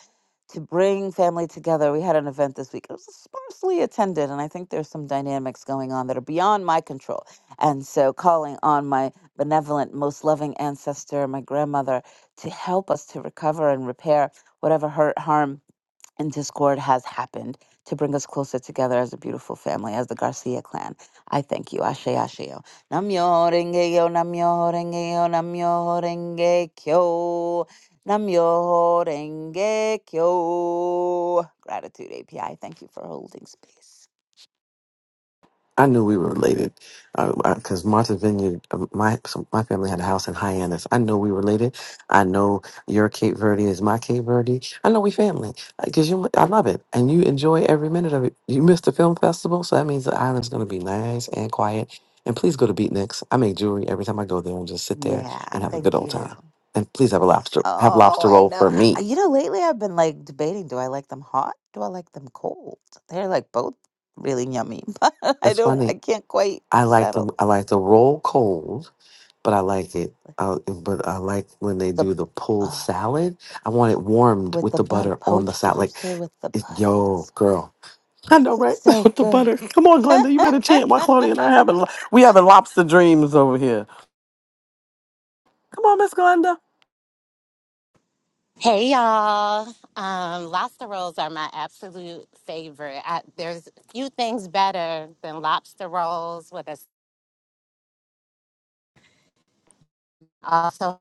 [SPEAKER 8] to bring family together. We had an event this week. It was sparsely attended, and I think there's some dynamics going on that are beyond my control. And so, calling on my benevolent, most loving ancestor, my grandmother, to help us to recover and repair whatever hurt, harm and discord has happened to bring us closer together as a beautiful family, as the Garcia clan. I thank you. Ashe Asheo. Namyo renge yo, namyo renge yo, namyo renge kyo. Namyo renge kyo. Gratitude API. Thank you for holding space.
[SPEAKER 10] I knew we were related, because I, I- Martha's Vineyard, uh, my so my family had a house in Hyannis. I know we related. I know your Cape Verde is my Cape Verde. I know we family because you. I love it, and you enjoy every minute of it. You missed the film festival, so that means the island's going to be nice and quiet. And please go to Beatniks. I make jewelry every time I go there, and just sit there
[SPEAKER 8] Yeah,
[SPEAKER 10] and have a good
[SPEAKER 8] thank
[SPEAKER 10] old
[SPEAKER 8] you.
[SPEAKER 10] time. And please have a lobster have
[SPEAKER 8] Oh,
[SPEAKER 10] lobster
[SPEAKER 8] I
[SPEAKER 10] roll
[SPEAKER 8] know.
[SPEAKER 10] for
[SPEAKER 8] Uh,
[SPEAKER 10] me.
[SPEAKER 8] You know, lately I've been like debating do I like them hot? Do I like them cold? They're like both really yummy, but I
[SPEAKER 10] That's
[SPEAKER 8] don't, I
[SPEAKER 10] funny.
[SPEAKER 8] can't quite
[SPEAKER 10] I like
[SPEAKER 8] settle.
[SPEAKER 10] the I like the roll cold but I like it. I, but I like when they
[SPEAKER 8] the
[SPEAKER 10] do the pulled
[SPEAKER 8] uh,
[SPEAKER 10] salad. I want it warmed
[SPEAKER 8] with
[SPEAKER 10] with
[SPEAKER 8] the
[SPEAKER 10] the
[SPEAKER 8] butter,
[SPEAKER 10] butter on the
[SPEAKER 8] poached
[SPEAKER 10] salad. Like,
[SPEAKER 8] lobster with the
[SPEAKER 10] it,
[SPEAKER 8] butter. It's
[SPEAKER 10] yo,
[SPEAKER 8] so,
[SPEAKER 10] girl. I know, right?
[SPEAKER 8] it's so
[SPEAKER 10] with the
[SPEAKER 8] good.
[SPEAKER 10] butter. Come on, Glenda. You better chant. Why, Claudia and I having lo- we having lobster dreams over here. Come on, Miss Glenda.
[SPEAKER 11] Hey y'all. Um, lobster rolls are my absolute favorite. I, there's few things better than lobster rolls with a also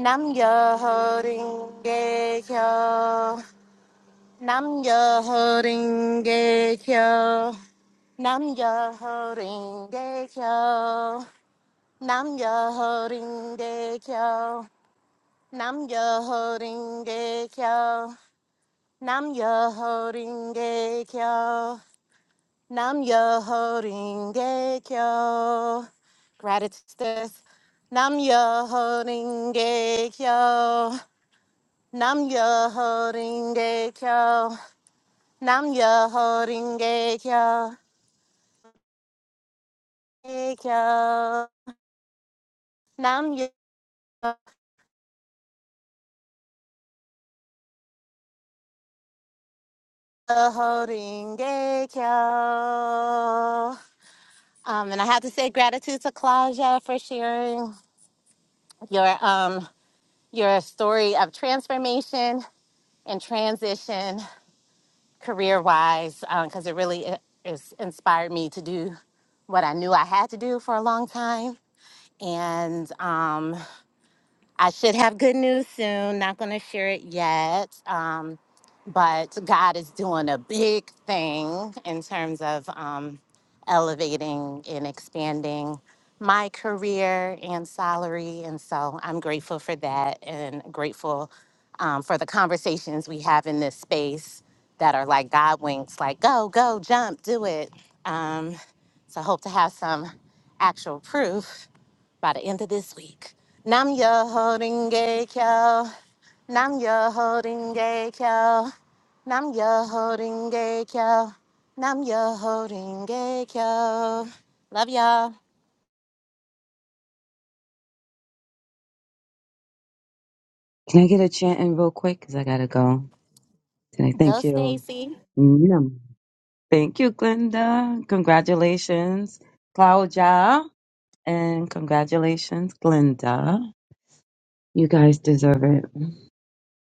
[SPEAKER 11] Nam yo holding kyo. Nam yo holding kyo. Nam yo holding kyo. Nam yo holding kyo. Nam yo holding gay kyo. Nam yo holding gay kyo. Nam yo holding gay kyo. Gratitude. Nam yo holding gay kyo. Nam yo holding gay kyo. Nam yo holding gay kyo. Gay Kyo. Nam yo holding gay kyo. Um, and I have to say gratitude to Claudia for sharing your um your story of transformation and transition career wise because it really i- is inspired me to do what I knew I had to do for a long time and um, I should have good news soon. Not going to share it yet. Um, but God is doing a big thing in terms of um, elevating and expanding my career and salary. And so I'm grateful for that and grateful um, for the conversations we have in this space that are like God winks, like, go, go, jump, do it. Um, so hope to have some actual proof by the end of this week. Nam yo holding gay kyo. Nam yo holding gay kyo. Nam yo holding gay kyo. Nam yo holding gay kyo. Love y'all.
[SPEAKER 5] Can I get a chant in real quick? Because I gotta go. Can I
[SPEAKER 11] Go
[SPEAKER 5] thank you?
[SPEAKER 11] Stacy.
[SPEAKER 5] Yum. Thank you, Glenda. Congratulations, Claudia. And congratulations, Glenda. You guys deserve it.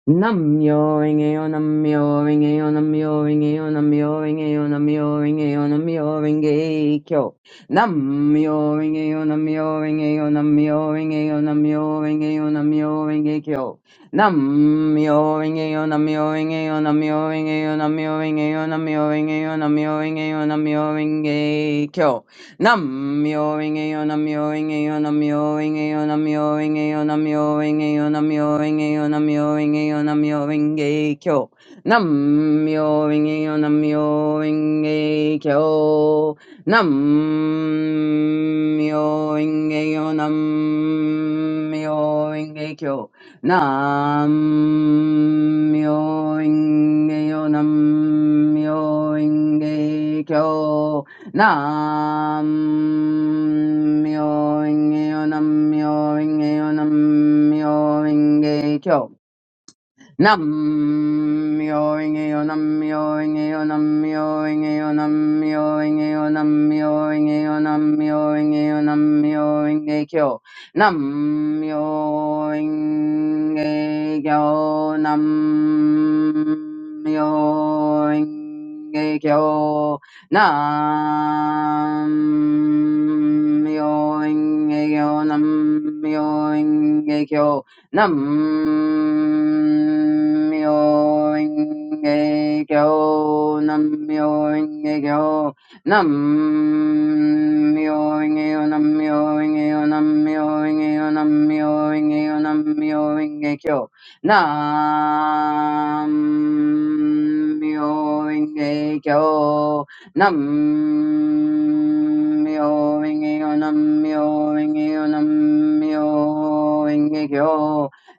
[SPEAKER 5] Namyo Renge-yo, Namyo Renge-yo, Namyo Renge-yo, Namyo Renge-yo, Namyo Renge-yo, Namyo Renge-kyo. Namyo Renge-yo, Namyo Renge-yo, Namyo Renge-yo, Namyo Renge-yo, Namyo Renge-kyo. Namyo Renge-yo, Namyo Renge-yo, Namyo Renge-yo, Namyo Renge-yo, Namyo Renge-yo, Namyo Renge-yo, Namyo Renge-kyo. Nam-myoho-renge-kyo. Nam-myoho-renge-kyo, Nam-myoho-renge-kyo. Nam-myoho-renge-kyo, Nam-myoho-renge-kyo. Nam-myoho-renge-kyo, Nam-myoho-renge-kyo. Nam-myoho-renge-kyo. Nam-myoho-renge-kyo, Nam-myoho-renge-kyo, Nam-myoho-renge-kyo, Nam-myoho-renge-kyo, Nam-myoho-renge-kyo, nam myoho renge nam myoho renge nam myoho renge nam myoho renge nam myoho renge nam myoho renge Nam-myoho-renge-kyo, Nam-myoho-renge-kyo, Nam-myoho-renge-kyo, Nam-myoho-renge-kyo, Nam-myoho-renge-kyo, Nam-myoho-renge-kyo, Nam-myoho-renge-kyo. Nam-myoho-renge-kyo, Nam myo ingi yo, nam myo ingi yo, nam myo ingi yo,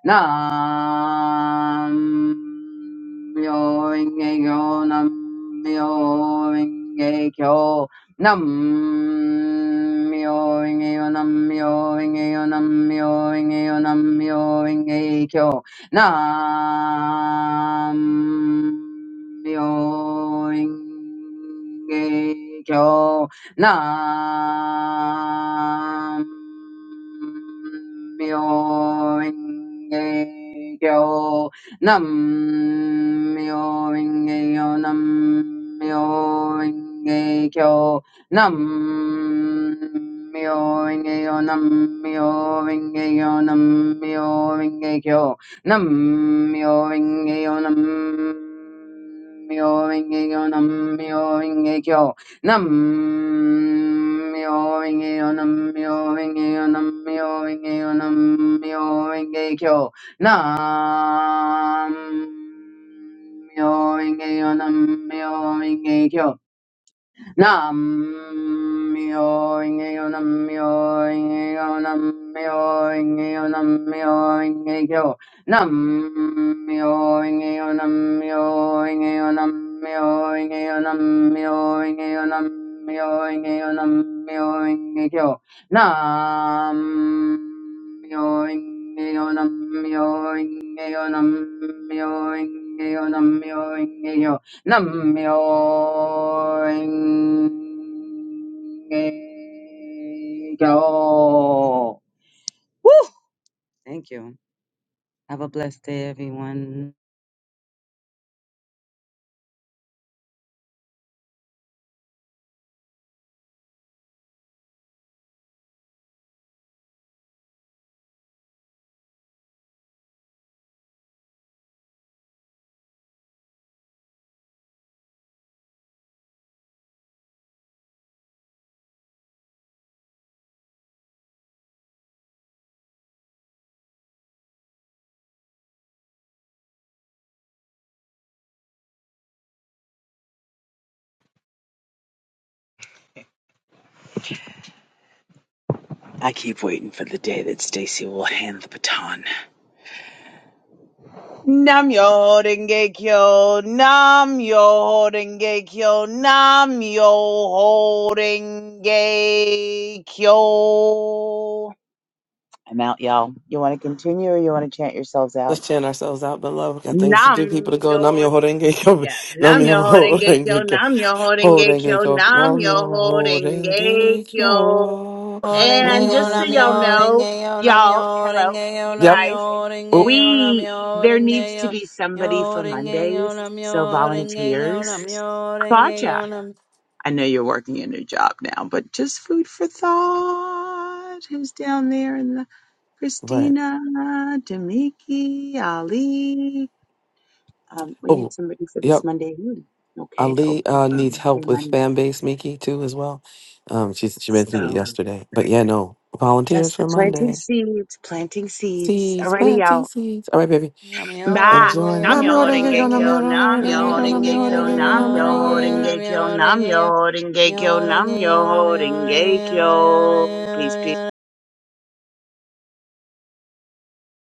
[SPEAKER 5] nam myo inge kyo nam myo inge kyo nam myo inge yo nam myo inge yo nam myo inge yo nam myo inge kyo nam myo inge kyo nam myo ing kyo Nam myo ing kyo Nam myo ing kyo Nam myo ing kyo Nam myo ing kyo Nam myo ing kyo Nam myo ing kyo Nam myo ing kyo Nam Myoingyo Namyoingyo Namyoingyo Namyoingyo nam Namyoingyo Namyoingyo Namyoingyo Nam Woo! Thank you. Have a blessed day, everyone.
[SPEAKER 1] I keep waiting for the day that Stacy will hand the baton. Nam yo denge kyo, nam yo denge kyo, nam yo denge kyo. I'm out, y'all. You want to continue or you want to chant yourselves out?
[SPEAKER 10] Let's chant ourselves out below. We got things to do. People to
[SPEAKER 1] Nam
[SPEAKER 10] go.
[SPEAKER 1] yo
[SPEAKER 10] Namyo horenge kyo.
[SPEAKER 1] yeah, nam yo
[SPEAKER 10] Namyo
[SPEAKER 1] horenge kyo,
[SPEAKER 10] horenge kyo.
[SPEAKER 1] nam yo horenge
[SPEAKER 10] Horenge
[SPEAKER 1] kyo,
[SPEAKER 10] kyo.
[SPEAKER 1] nam yo
[SPEAKER 10] Namyo
[SPEAKER 1] horenge
[SPEAKER 10] horenge
[SPEAKER 1] kyo.
[SPEAKER 10] kyo.
[SPEAKER 1] And
[SPEAKER 10] Namyo
[SPEAKER 1] just so
[SPEAKER 10] horenge
[SPEAKER 1] y'all
[SPEAKER 10] kyo.
[SPEAKER 1] know, y'all, hello, you
[SPEAKER 10] Yep.
[SPEAKER 1] guys,
[SPEAKER 10] Oh,
[SPEAKER 1] we there needs to be somebody for Mondays, so volunteers. Claudia, I know you're working a new job now, but just food for thought. Who's down there in the
[SPEAKER 10] right.
[SPEAKER 1] Christina, Demiki, Ali? Um, we need
[SPEAKER 10] Oh,
[SPEAKER 1] somebody for
[SPEAKER 10] Yep.
[SPEAKER 1] this Monday evening, okay, to
[SPEAKER 10] Ali
[SPEAKER 1] open
[SPEAKER 10] uh,
[SPEAKER 1] for
[SPEAKER 10] needs
[SPEAKER 1] their
[SPEAKER 10] help with
[SPEAKER 1] Monday.
[SPEAKER 10] fan base, Miki, too, as well. Um, she she mentioned it
[SPEAKER 1] So
[SPEAKER 10] yesterday, but yeah, no volunteers
[SPEAKER 1] just
[SPEAKER 10] for
[SPEAKER 1] planting
[SPEAKER 10] Monday.
[SPEAKER 1] seeds, planting seeds.
[SPEAKER 10] Seeds,
[SPEAKER 1] Already
[SPEAKER 10] planting
[SPEAKER 1] all
[SPEAKER 10] seeds. All right, baby,
[SPEAKER 1] Bye.
[SPEAKER 10] enjoy.
[SPEAKER 1] Nam yo
[SPEAKER 10] Namyo
[SPEAKER 1] holding
[SPEAKER 10] renge kyo, namyo
[SPEAKER 1] gekyo, nam yo
[SPEAKER 10] renge kyo, namyo renge kyo,
[SPEAKER 1] holding
[SPEAKER 10] namyo
[SPEAKER 1] gekyo,
[SPEAKER 10] renge kyo,
[SPEAKER 1] nam
[SPEAKER 10] namyo
[SPEAKER 1] yo
[SPEAKER 10] renge
[SPEAKER 1] holding
[SPEAKER 10] kyo.
[SPEAKER 1] gekyo, nam yo holding gekyo, nam yo holding gekyo. Peace, peace.